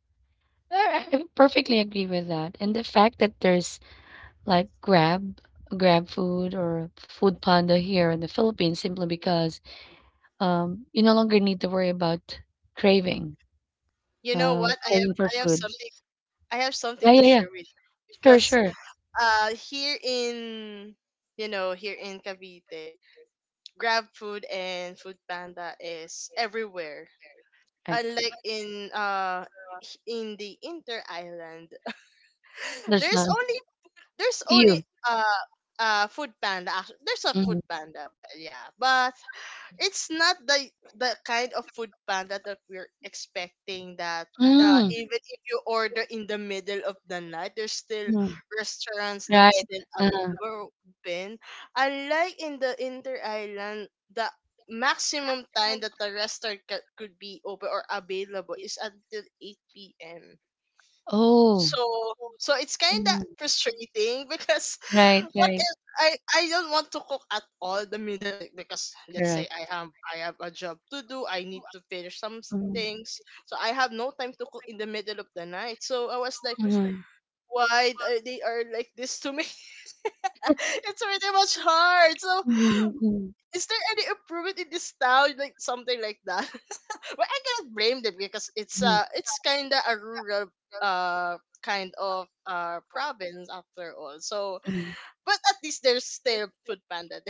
[SPEAKER 1] I perfectly agree with that. And the fact that there's like Grab food or Food Panda here in the Philippines simply because you no longer need to worry about craving.
[SPEAKER 2] You know what?
[SPEAKER 1] Craving for food.
[SPEAKER 2] I have something
[SPEAKER 1] Yeah,
[SPEAKER 2] to
[SPEAKER 1] yeah, yeah.
[SPEAKER 2] share with you
[SPEAKER 1] Sure,
[SPEAKER 2] because
[SPEAKER 1] sure.
[SPEAKER 2] here in you know here in Cavite, Grab Food and Food Panda is everywhere.
[SPEAKER 1] Correct.
[SPEAKER 2] Unlike in in the inter island, <gasps> <laughs>
[SPEAKER 1] There's
[SPEAKER 2] there's
[SPEAKER 1] none.
[SPEAKER 2] only there's only
[SPEAKER 1] Few.
[SPEAKER 2] uh Food Panda. There's a Food
[SPEAKER 1] Mhm.
[SPEAKER 2] Panda, well, yeah, but it's not the kind of food panda that we're expecting that
[SPEAKER 1] Mm.
[SPEAKER 2] even if you order in the middle of the night, there's still
[SPEAKER 1] Mm.
[SPEAKER 2] restaurants that's
[SPEAKER 1] Right.
[SPEAKER 2] still
[SPEAKER 1] uh
[SPEAKER 2] available open. Unlike in the inter island, the maximum time that could be open or available is until 8 p.m.
[SPEAKER 1] Oh.
[SPEAKER 2] So so it's kind of
[SPEAKER 1] Mm.
[SPEAKER 2] frustrating <laughs> because
[SPEAKER 1] Right,
[SPEAKER 2] what
[SPEAKER 1] right.
[SPEAKER 2] if I don't want to cook at all the middle because let's say
[SPEAKER 1] Correct.
[SPEAKER 2] I have a job to do. I need to finish some
[SPEAKER 1] Mhm.
[SPEAKER 2] things, so I have no time to cook in the middle of the night. So I was like,
[SPEAKER 1] Mhm.
[SPEAKER 2] why are they are like this to me? <laughs> It's pretty much hard. So
[SPEAKER 1] Mhm, mhm,
[SPEAKER 2] is there any improvement in this town, like something like that? <laughs> Well, I cannot blame them because
[SPEAKER 1] mhm,
[SPEAKER 2] it's kind of a rural uh kind of province after all. So
[SPEAKER 1] mhm.
[SPEAKER 2] but at least there's still food panda.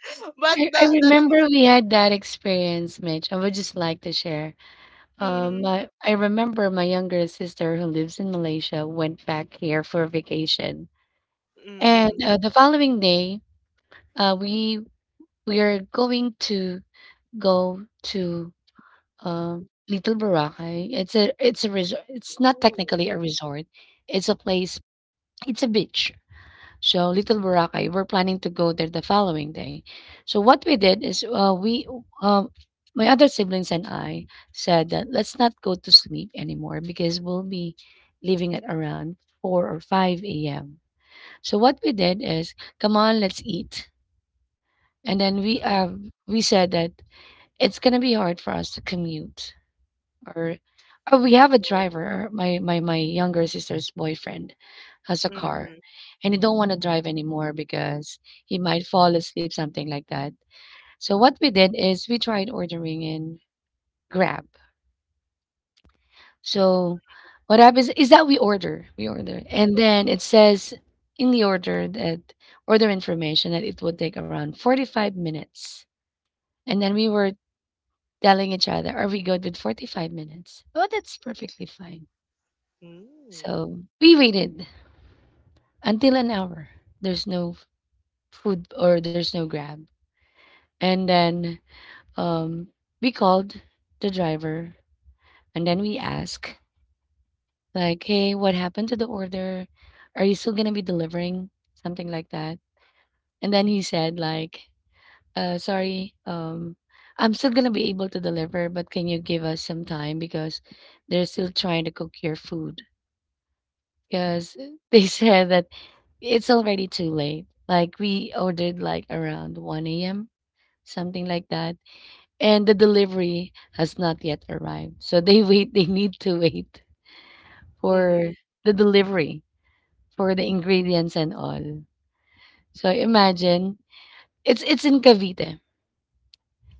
[SPEAKER 2] <laughs> But
[SPEAKER 1] I, I
[SPEAKER 2] the
[SPEAKER 1] remember we had that experience, Mitch. I would just like to share. Um,
[SPEAKER 2] mm.
[SPEAKER 1] I, I remember my younger sister who lives in Malaysia went back here for vacation.
[SPEAKER 2] Mhm.
[SPEAKER 1] And
[SPEAKER 2] Mm. Mhm.
[SPEAKER 1] the following day, uh, we we are going to go to, Little Boracay. It's a resort. It's not
[SPEAKER 2] Ooh.
[SPEAKER 1] technically a resort, it's a place, it's a beach. So Little Boracay, we're planning to go there the following day. So what we did is, we um, my other siblings and I said that let's not go to sleep anymore because we'll be leaving at around 4 or 5 AM. So what we did is, "Come on, let's eat." And then we,
[SPEAKER 2] Mm.
[SPEAKER 1] um, we said that it's gonna be hard for us to commute, or oh, we have a
[SPEAKER 2] Oh.
[SPEAKER 1] driver. My younger sister's boyfriend has a car,
[SPEAKER 2] Mhm.
[SPEAKER 1] and he don't want to drive anymore because he might fall asleep, something like that. So what we did is we tried ordering in Grab. So what happens is that we order, and then it says in the order, that order information that it would take around 45 minutes. And then we were telling each other, "Are we good with 45 minutes?" "Oh, that's perfectly fine."
[SPEAKER 2] Mm.
[SPEAKER 1] So we waited until an hour. There's no food or there's no Grab. And then um, we called the driver and then we asked, like, "Hey, what happened to the order? Are you still going to be delivering?" Something like that. And then he said, like, "Sorry, I'm still going to be able to deliver, but can you give us some time because they're still trying to cook your food?" Because they <laughs> said that it's already too late. Like we ordered like around 1 a.m., something like that, and the delivery has not yet arrived. So <laughs> they need to wait
[SPEAKER 2] Mhm.
[SPEAKER 1] for the delivery, for the ingredients and all. So imagine, it's in Cavite.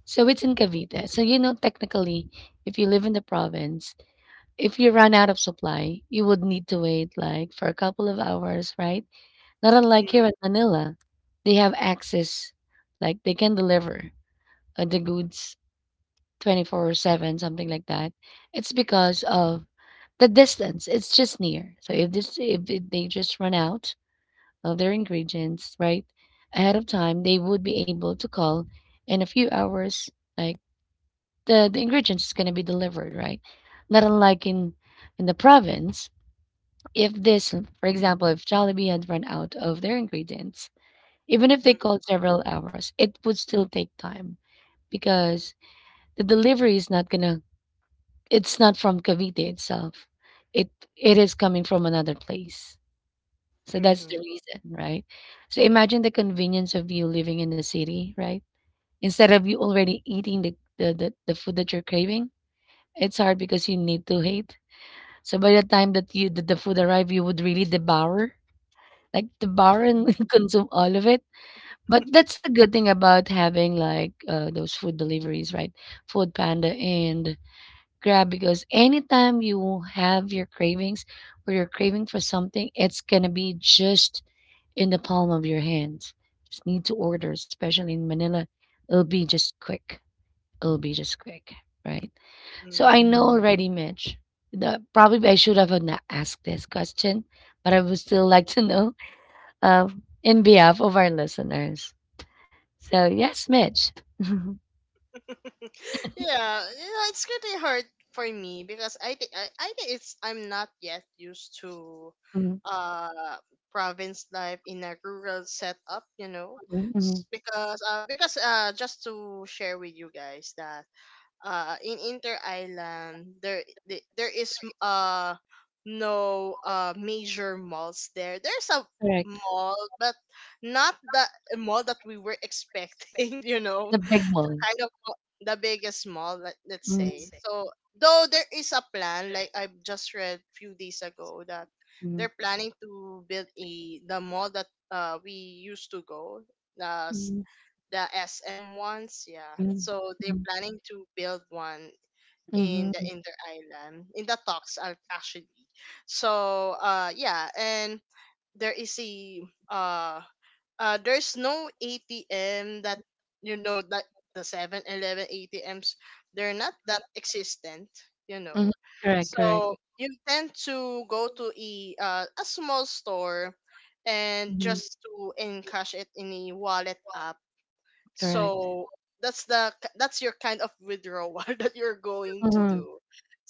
[SPEAKER 1] So it's in
[SPEAKER 2] Oh.
[SPEAKER 1] Cavite. So you know technically, if you live in the province, if you run out of supply, you would need to wait like for a couple of hours, right? Not unlike here in
[SPEAKER 2] Mhm.
[SPEAKER 1] Manila, they have access, like they can deliver the goods 24/7, something like that. It's because of the distance. It's just near. So if they just run out of their ingredients right ahead of time, they would be able to call in a few hours. Like the ingredients is gonna be delivered, right? Not unlike in the province. If this, for example, if Jollibee had run out of their ingredients, even if they called several hours, it would still take time because the delivery is not gonna it's not from Cavite itself. It it is coming from another place. So that's
[SPEAKER 2] Mhm.
[SPEAKER 1] the reason, right? So imagine the convenience of you living in the city, right? Instead of you already eating the food that you're craving, it's hard because you need to hate. So by the time that you that the food arrive, you would really devour, like devour and
[SPEAKER 2] Mhm.
[SPEAKER 1] <laughs> consume all of it. But that's a good thing about having like those food deliveries, right? Food Panda and Grab, because anytime you have your cravings or you're craving for something, it's gonna be just in the palm of your hands. Just need to order, especially in Manila. It'll be just quick. It'll be just quick, right? So I
[SPEAKER 2] Mhm.
[SPEAKER 1] know already, Mitch. Probably I should have not asked this question, but I would still like to know, in behalf of our listeners. So, yes, Mitch. <laughs>
[SPEAKER 2] <laughs> Yeah, you know, it's pretty hard for me because I think it's I'm not yet used to
[SPEAKER 1] Mhm,
[SPEAKER 2] uh province life in a rural setup, you know.
[SPEAKER 1] mhm, mhm, mhm.
[SPEAKER 2] Because just to share with you guys that in Inter Island there there is no major malls there. There's a
[SPEAKER 1] Correct.
[SPEAKER 2] mall but not the mall that we were expecting, <laughs> you know.
[SPEAKER 1] The big mall.
[SPEAKER 2] Kind of the biggest mall, let's
[SPEAKER 1] Mm.
[SPEAKER 2] say. So though there is a plan, like I just read few days ago, that
[SPEAKER 1] Mhm.
[SPEAKER 2] they're planning to build a the mall that we used to go, the s-
[SPEAKER 1] Mm.
[SPEAKER 2] the SM ones, yeah.
[SPEAKER 1] Mhm,
[SPEAKER 2] So they're
[SPEAKER 1] mhm,
[SPEAKER 2] planning to build one in the
[SPEAKER 1] mhm,
[SPEAKER 2] inter island in the talks actually. So yeah, and there is a uh there's no atm that you know, that the 7-Eleven 11 atms, they're not that existent, you
[SPEAKER 1] mhm.
[SPEAKER 2] know.
[SPEAKER 1] Correct, correct.
[SPEAKER 2] So you tend to go to a small store and
[SPEAKER 1] Mhm.
[SPEAKER 2] just to encash it in a wallet app.
[SPEAKER 1] Correct.
[SPEAKER 2] So that's the that's your kind of withdrawal <laughs> that you're going to
[SPEAKER 1] Mhm.
[SPEAKER 2] do.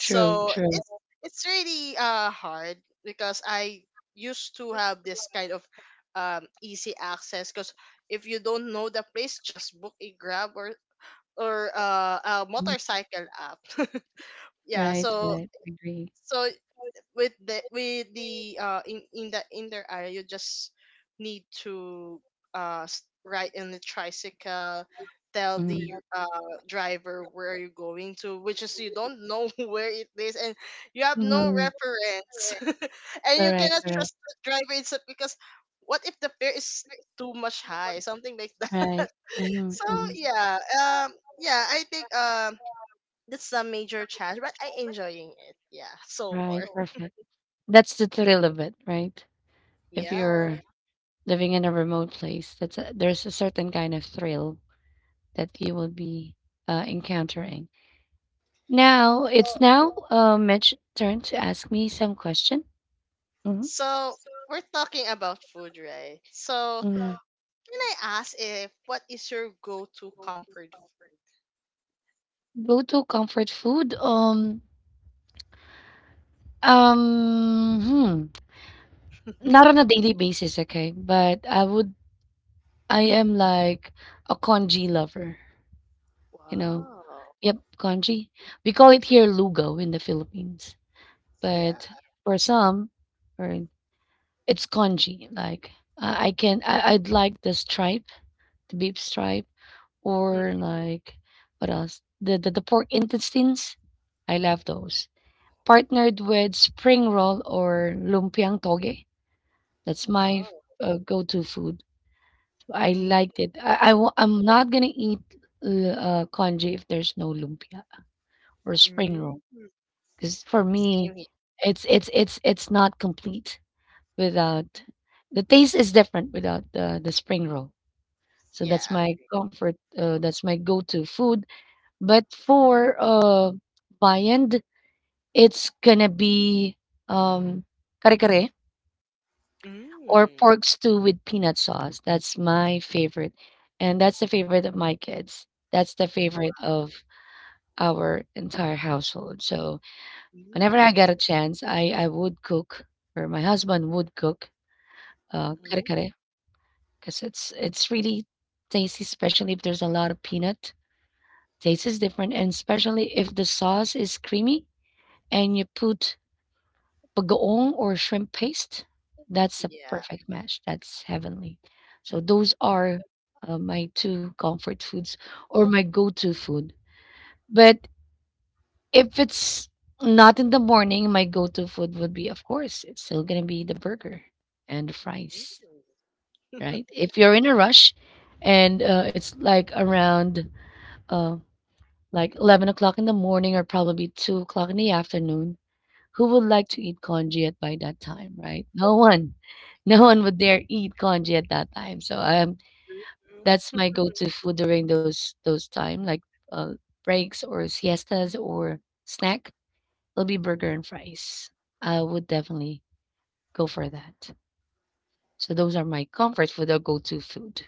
[SPEAKER 1] True, true.
[SPEAKER 2] it's really hard because I used to have this kind of easy access, because if you don't know the place, just book a grab or a
[SPEAKER 1] Mhm.
[SPEAKER 2] motorcycle app. <laughs> Yeah,
[SPEAKER 1] Right,
[SPEAKER 2] so
[SPEAKER 1] right. Agree.
[SPEAKER 2] so with the in that in their area, you just need to ride in the tricycle, tell the
[SPEAKER 1] Mhm.
[SPEAKER 2] driver where you're going to, which is you don't know <laughs> where it is, and you have no
[SPEAKER 1] Mhm.
[SPEAKER 2] reference. <laughs> And you
[SPEAKER 1] Correct,
[SPEAKER 2] cannot
[SPEAKER 1] correct.
[SPEAKER 2] trust the driver itself because what if the fare is too much high, something like
[SPEAKER 1] Right.
[SPEAKER 2] that. <laughs>
[SPEAKER 1] Mhm,
[SPEAKER 2] So
[SPEAKER 1] mhm.
[SPEAKER 2] yeah, yeah, I think, that's a major challenge, but I enjoying it, yeah, so far.
[SPEAKER 1] Right, perfect. That's the thrill of it, right?
[SPEAKER 2] <laughs>
[SPEAKER 1] If
[SPEAKER 2] Yeah.
[SPEAKER 1] you're living in a remote place, there's a certain kind of thrill that you will be encountering. Now it's
[SPEAKER 2] Well,
[SPEAKER 1] now, Mitch turn to ask me some question. Mhm.
[SPEAKER 2] so we're talking about food, right? So can I ask, if what is your go-to comfort food?
[SPEAKER 1] Go-to comfort food, um, hmm, not on a daily basis, okay? But I am like a congee lover, you know?
[SPEAKER 2] Wow.
[SPEAKER 1] Yep, congee. We call it here lugo in the Philippines,
[SPEAKER 2] Yeah.
[SPEAKER 1] but for some, or it's congee, like, I can I I'd like the stripe, the beef stripe.
[SPEAKER 2] Hmm.
[SPEAKER 1] Or like, what else? The pork intestines. I love those. Partnered with spring roll or lumpiang toge. That's my
[SPEAKER 2] Oh.
[SPEAKER 1] go-to food. I
[SPEAKER 2] Mm.
[SPEAKER 1] liked it. I'm not gonna eat congee if there's no lumpia or spring roll,
[SPEAKER 2] Mm.
[SPEAKER 1] because for me,
[SPEAKER 2] Same here.
[SPEAKER 1] it's not complete without the taste is different without the spring roll. So
[SPEAKER 2] Yeah.
[SPEAKER 1] that's my comfort. That's my go-to food. But for viand, it's gonna be um, kare-kare or
[SPEAKER 2] Mm.
[SPEAKER 1] pork stew with peanut sauce. That's my favorite. And that's the favorite of my kids. That's the favorite of our entire household. So whenever I
[SPEAKER 2] Mm.
[SPEAKER 1] get a chance, I would cook, or my husband would cook
[SPEAKER 2] Mm.
[SPEAKER 1] kare-kare because it's really tasty, especially if there's a lot of peanut. Taste is different, and especially if the sauce is creamy and you put bagoong or shrimp paste, that's a
[SPEAKER 2] Yeah.
[SPEAKER 1] perfect match. That's heavenly. So those are my two comfort foods or my go-to food. But if it's not in the morning, my go-to food would be, of course, it's still gonna be the burger and the
[SPEAKER 2] Mm.
[SPEAKER 1] fries,
[SPEAKER 2] Yeah.
[SPEAKER 1] right? If you're in a rush, and it's like around uh, like 11 o'clock in the morning or probably 2 o'clock in the afternoon. Who would like to eat congee at by that time, right? <laughs> No one. No one would dare eat congee at that time. So
[SPEAKER 2] True, true,
[SPEAKER 1] that's my go-to food during those time, like uh, breaks or siestas or snack. It'll be burger
[SPEAKER 2] true.
[SPEAKER 1] and fries. I would definitely go for that. So those are my comfort food or go-to food.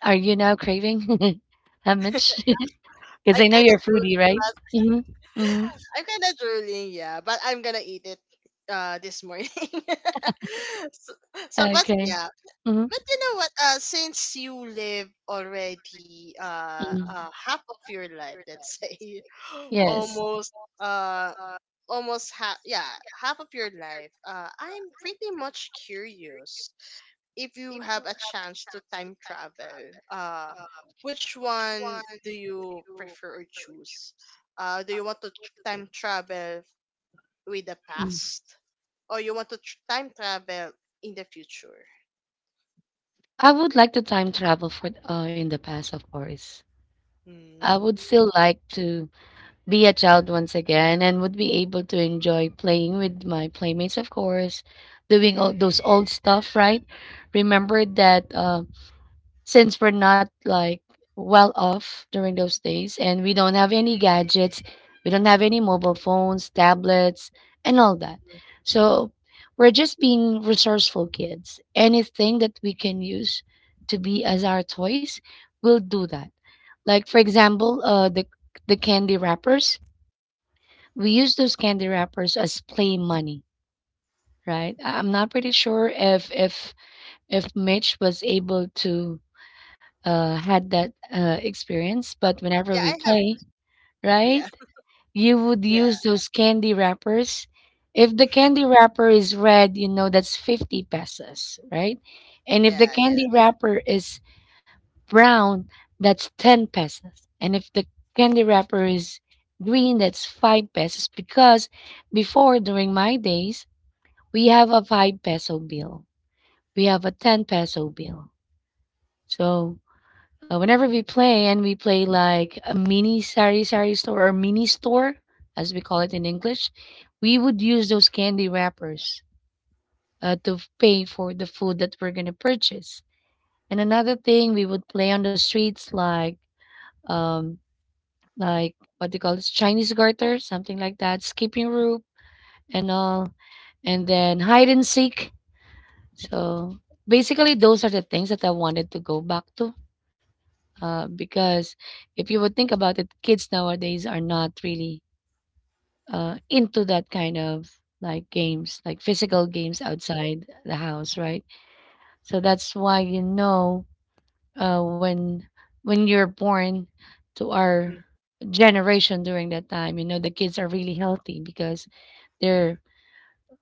[SPEAKER 1] Are you now craving, <laughs> how much? <laughs> Because
[SPEAKER 2] I
[SPEAKER 1] I know
[SPEAKER 2] kind
[SPEAKER 1] you're
[SPEAKER 2] of
[SPEAKER 1] a foodie,
[SPEAKER 2] drooling,
[SPEAKER 1] right?
[SPEAKER 2] but
[SPEAKER 1] Mm-hmm. Mm-hmm.
[SPEAKER 2] I'm kind of drooling, yeah. But I'm gonna eat it this morning. <laughs> So, but
[SPEAKER 1] Okay.
[SPEAKER 2] yeah.
[SPEAKER 1] Mm-hmm.
[SPEAKER 2] But you know what? Since you live already
[SPEAKER 1] Mm-hmm.
[SPEAKER 2] half of your life, let's say, <laughs>
[SPEAKER 1] Yes.
[SPEAKER 2] almost almost half, yeah, half of your life, I'm pretty much curious if you have a chance to time travel. Uh, which one do you prefer or choose? Do you want to time travel with the
[SPEAKER 1] Mm-hmm.
[SPEAKER 2] past, or you want to time travel in the future?
[SPEAKER 1] I would like to time travel for in the past, of course. I would
[SPEAKER 2] Mm.
[SPEAKER 1] still like to be a child once again and would be able to enjoy playing with my playmates, of course, doing all those old stuff, right? Remember that since we're not like well off during those days and we don't have any gadgets, we don't have any mobile phones, tablets, and all that. So we're just being resourceful kids. Anything that we can use to be as our toys, we'll do that. Like for example, the candy wrappers. We use those candy wrappers as play money, right? I'm not pretty sure if Mitch was able to had that experience, but whenever
[SPEAKER 2] Yeah,
[SPEAKER 1] we
[SPEAKER 2] I have.
[SPEAKER 1] play, right,
[SPEAKER 2] Yeah,
[SPEAKER 1] you would
[SPEAKER 2] yeah,
[SPEAKER 1] use those candy wrappers. If the candy wrapper is red, you know that's 50 pesos, right? And if the
[SPEAKER 2] yeah, yeah.
[SPEAKER 1] candy wrapper is brown, that's 10 pesos. And if the candy wrapper is green, that's 5 pesos. Because before, during my days, we have a 5 peso bill, we have a 10 peso bill. So whenever we play and we play like a mini sari sari store or mini store as we call it in English, we would use those candy wrappers to pay for the food that we're going to purchase. And another thing, we would play on the streets um like what do you call this, Chinese garter, something like that, skipping rope and all, and then hide and seek. So basically those are the things that I wanted to go back to,
[SPEAKER 2] Mm,
[SPEAKER 1] because if you would think about it, kids nowadays are not really into that kind of like games, like physical games outside the house, right? So that's why, you know, uh, when when you're born to
[SPEAKER 2] mm,
[SPEAKER 1] our generation during that time, you know the kids are really healthy because they're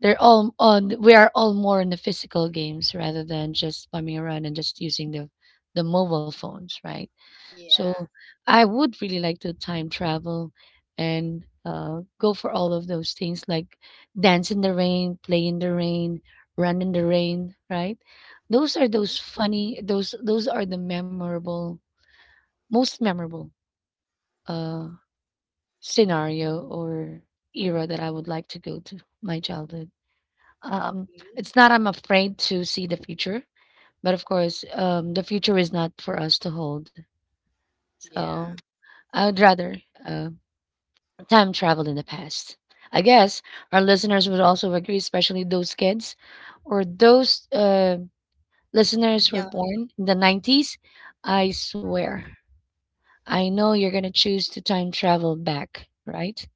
[SPEAKER 1] they're all on we are all more in the physical games rather than just bumming around and just using the mobile phones, right? So
[SPEAKER 2] yeah.
[SPEAKER 1] I would really like to time travel and go for all of those things like dance in the rain, play in the rain, run in the
[SPEAKER 2] Mhm,
[SPEAKER 1] rain, right? Those are those funny, those are the memorable, most memorable uh, scenario or era that I would like to go to my childhood. Um,
[SPEAKER 2] mhm.
[SPEAKER 1] it's not I'm afraid to see the future, but of course, the future is not for us to hold. So
[SPEAKER 2] Yeah,
[SPEAKER 1] I would rather uh, time travel in the past. I guess our listeners would also agree, especially those kids or those listeners who were
[SPEAKER 2] yeah.
[SPEAKER 1] born in the 90s. I swear, I know you're going to choose to time travel back, right?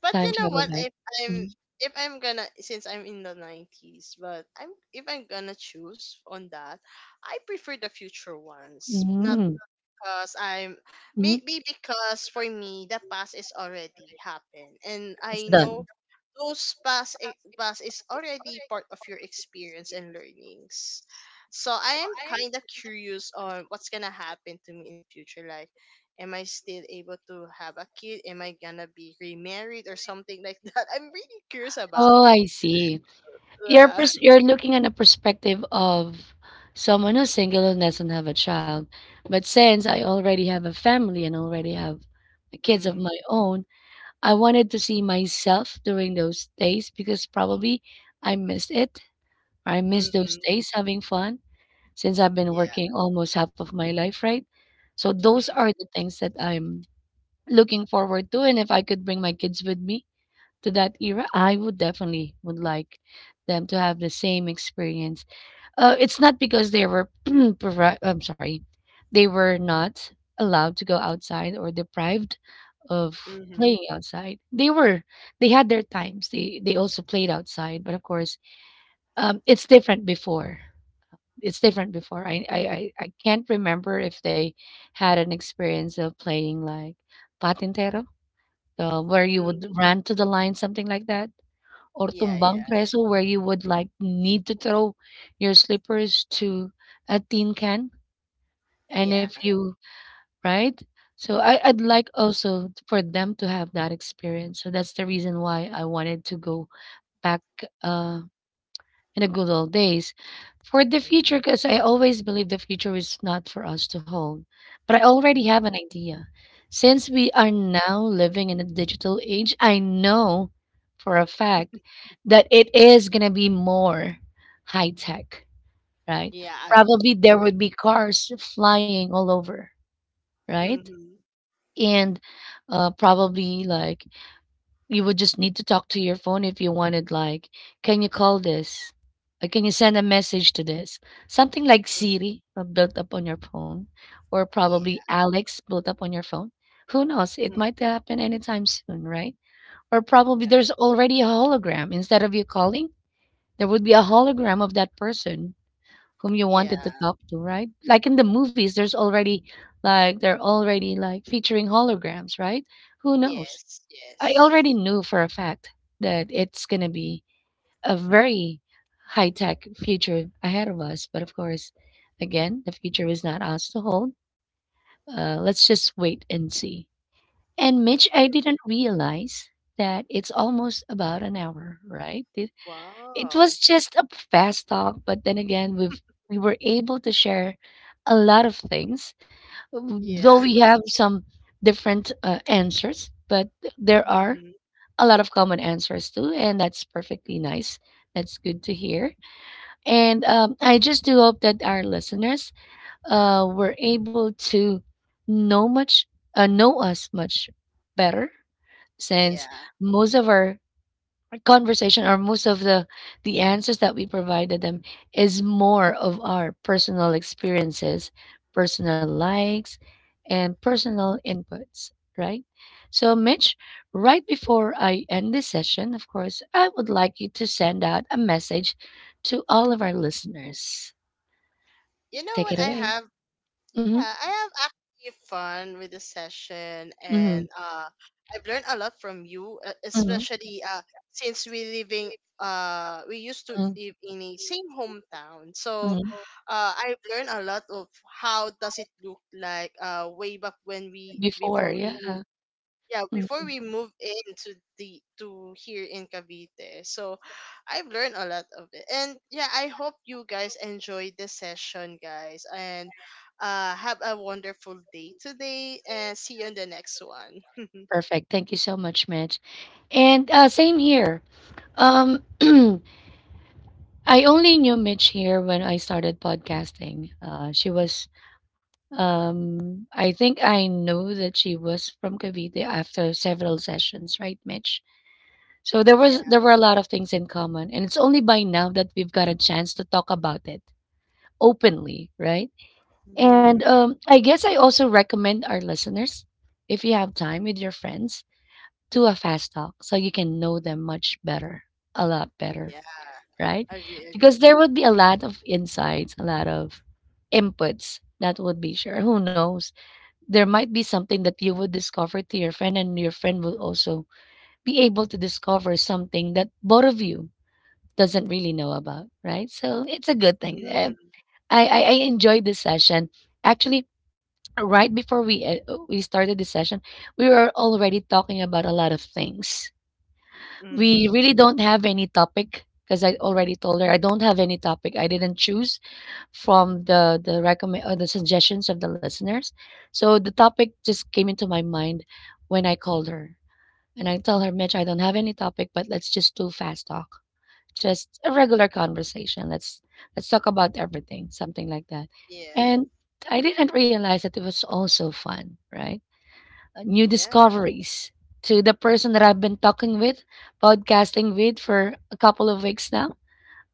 [SPEAKER 2] But you
[SPEAKER 1] Time
[SPEAKER 2] know
[SPEAKER 1] travel
[SPEAKER 2] what?
[SPEAKER 1] back.
[SPEAKER 2] I'm if I'm gonna, since I'm in the 90s, but I'm, if I'm gonna choose on that, I prefer the future ones.
[SPEAKER 1] Mm-hmm.
[SPEAKER 2] Because I'm,
[SPEAKER 1] Hmm.
[SPEAKER 2] maybe because for me the past is already happened and
[SPEAKER 1] It's
[SPEAKER 2] I
[SPEAKER 1] done.
[SPEAKER 2] know those past is already part of your experience and learnings. So I am kind of curious on what's gonna happen to me in future. Like, am I still able to have a kid? Am I gonna be remarried or something like <laughs> that? I'm really curious about
[SPEAKER 1] Oh, I
[SPEAKER 2] it.
[SPEAKER 1] see.
[SPEAKER 2] Yeah.
[SPEAKER 1] You're looking at a perspective of someone who's single and doesn't have a child. But since I already have a family and already have kids of
[SPEAKER 2] Mm,
[SPEAKER 1] my own, I wanted to see myself during those days because probably I missed it. I missed those
[SPEAKER 2] mm-hmm.
[SPEAKER 1] days having fun since I've been
[SPEAKER 2] Yeah.
[SPEAKER 1] working almost half of my life, right? So those are the things that I'm looking forward to. And if I could bring my kids with me to that era, I would definitely would like them to have the same experience. It's not because they were <clears throat> I'm sorry, they were not allowed to go outside or deprived of
[SPEAKER 2] Mm-hmm.
[SPEAKER 1] playing outside. They were, they had their times. They also played outside, but of course, it's different before. It's different before. I can't remember if they had an experience of playing like patintero, where you would
[SPEAKER 2] Mm-hmm.
[SPEAKER 1] run to the line, something like that, or
[SPEAKER 2] Yeah. Yeah.
[SPEAKER 1] tumbang preso, where you would like need to throw your slippers to a tin can, and
[SPEAKER 2] Yeah.
[SPEAKER 1] if you, right, so I, I'd like also for them to have that experience. So that's the reason why I wanted to go back uh in the good old days. For the
[SPEAKER 2] Mm-hmm.
[SPEAKER 1] future, because I always believe the future is not for us to hold. But I already have
[SPEAKER 2] Mm-hmm.
[SPEAKER 1] an idea. Since we are now living in a digital age, I know for a fact that it is going to be more high tech, right?
[SPEAKER 2] Yeah, I
[SPEAKER 1] Probably there
[SPEAKER 2] agree.
[SPEAKER 1] would be cars flying all over, right?
[SPEAKER 2] Mm-hmm.
[SPEAKER 1] And probably like you would just need to talk to your phone if you wanted, like, "Can you call this?" Or, "Can you send a message to this?" Something like Siri, built up on your phone, or
[SPEAKER 2] Yeah.
[SPEAKER 1] probably Alex built up on your phone. Who knows? It
[SPEAKER 2] Mm.
[SPEAKER 1] might happen anytime soon, right? Or probably
[SPEAKER 2] Yeah.
[SPEAKER 1] there's already a hologram. Instead of you calling, there would be a hologram of that person whom you
[SPEAKER 2] Yeah,
[SPEAKER 1] wanted to talk to, right? Like in the movies, there's already like they're already like featuring holograms, right? Who knows?
[SPEAKER 2] yes,
[SPEAKER 1] I
[SPEAKER 2] yes.
[SPEAKER 1] already knew for a fact that it's going to be a very high tech future ahead of us. But of course, again, the future is not ours to hold. Let's just wait and see. And Mitch, I
[SPEAKER 2] True.
[SPEAKER 1] didn't realize that it's almost about an hour, right? It
[SPEAKER 2] Wow.
[SPEAKER 1] was just a fast talk, but then again, we were able to share a lot of things, though
[SPEAKER 2] Yeah.
[SPEAKER 1] we
[SPEAKER 2] <laughs>
[SPEAKER 1] have some different answers, but there are
[SPEAKER 2] Mm-hmm.
[SPEAKER 1] a lot of common answers too, and that's perfectly nice. That's good to hear. And I just do hope that our listeners were able to know much, know us much better, since
[SPEAKER 2] Yeah.
[SPEAKER 1] most of our conversation or most of the answers that we provided them is more of our personal experiences, personal likes, and personal inputs, right? So Mitch, right before I end this session, of course I would like you to send out a message to all of our listeners.
[SPEAKER 2] You know
[SPEAKER 1] Take it
[SPEAKER 2] what I
[SPEAKER 1] away.
[SPEAKER 2] have? Yeah,
[SPEAKER 1] Hmm.
[SPEAKER 2] I have actually fun with this session,
[SPEAKER 1] Hmm.
[SPEAKER 2] and I've learned a lot from you,
[SPEAKER 1] Hmm.
[SPEAKER 2] especially since we living, we used to live in a same hometown. So
[SPEAKER 1] Hmm.
[SPEAKER 2] I've learned a lot of how does it look like, way back when we
[SPEAKER 1] Before,
[SPEAKER 2] before we
[SPEAKER 1] yeah.
[SPEAKER 2] moved. Yeah, before
[SPEAKER 1] Mhm.
[SPEAKER 2] we move into the to here in Cavite. So I've learned a lot of it. And yeah, I hope you guys enjoyed this session, guys. And have a wonderful day today, and see you on the next one. <laughs>
[SPEAKER 1] Perfect, thank you so much, Mitch. And same here. um <clears throat> I only knew Mitch here when I started podcasting. She was, I think I knew that she was from Cavite after several sessions, right, Mitch? So there
[SPEAKER 2] Yeah.
[SPEAKER 1] was there were a lot of things in common, and it's only by now that we've got a chance to talk about it openly, right? And
[SPEAKER 2] Hmm.
[SPEAKER 1] I guess I also recommend our listeners, if you have time with your friends, do a fast talk so you can know them much better, a lot better,
[SPEAKER 2] Yeah,
[SPEAKER 1] right?
[SPEAKER 2] agree, agree.
[SPEAKER 1] Because there would be a lot of insights, a lot of inputs that would be shared. Who knows? There might be something that you would discover to your friend, and your friend will also be able to discover something that both of you doesn't really know about, right? So it's a good thing. Eh,
[SPEAKER 2] Mm-hmm.
[SPEAKER 1] I enjoyed this session. Actually, right before we started this session, we were already talking about a lot of things. We
[SPEAKER 2] Mm-hmm.
[SPEAKER 1] really don't have any topic because I already told her I don't have any topic. I didn't choose from the recommend or the suggestions of the listeners. So the topic just came into my mind when I called her. And I tell her, Mitch, I don't have any topic, but let's just do fast talk. Just a regular conversation. Let's talk about everything, something like that.
[SPEAKER 2] Yeah.
[SPEAKER 1] And I didn't realize that it was also fun, right? New
[SPEAKER 2] Yeah.
[SPEAKER 1] discoveries to the person that I've been talking with, podcasting with for a couple of weeks now.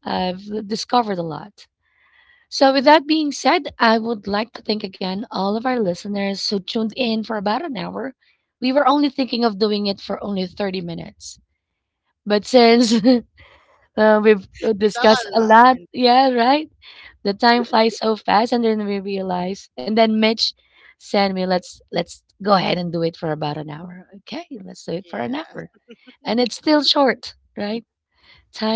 [SPEAKER 1] I've discovered a lot. So, with that being said, I would like to thank again all of our listeners who tuned in for about an hour. We were only thinking of doing it for only 30 minutes. But since <laughs> we've
[SPEAKER 2] We talk
[SPEAKER 1] discussed
[SPEAKER 2] a
[SPEAKER 1] a
[SPEAKER 2] lot,
[SPEAKER 1] lot,
[SPEAKER 2] and
[SPEAKER 1] yeah, right? The time flies so fast, and then we realize. And then Mitch sent me, "Let's go ahead and do it for about an hour." Okay, let's do it for an
[SPEAKER 2] yeah.
[SPEAKER 1] hour, and it's still short, right?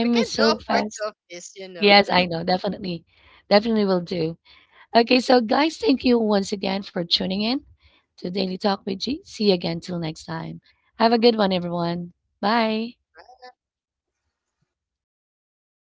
[SPEAKER 2] We can
[SPEAKER 1] is
[SPEAKER 2] do a
[SPEAKER 1] so
[SPEAKER 2] part
[SPEAKER 1] fast.
[SPEAKER 2] two of this, you know.
[SPEAKER 1] Yes, I know. Definitely, definitely will do. Okay, so guys, thank you once again for tuning in to Daily Talk with G. See you again till next time. Have a good one, everyone. Bye.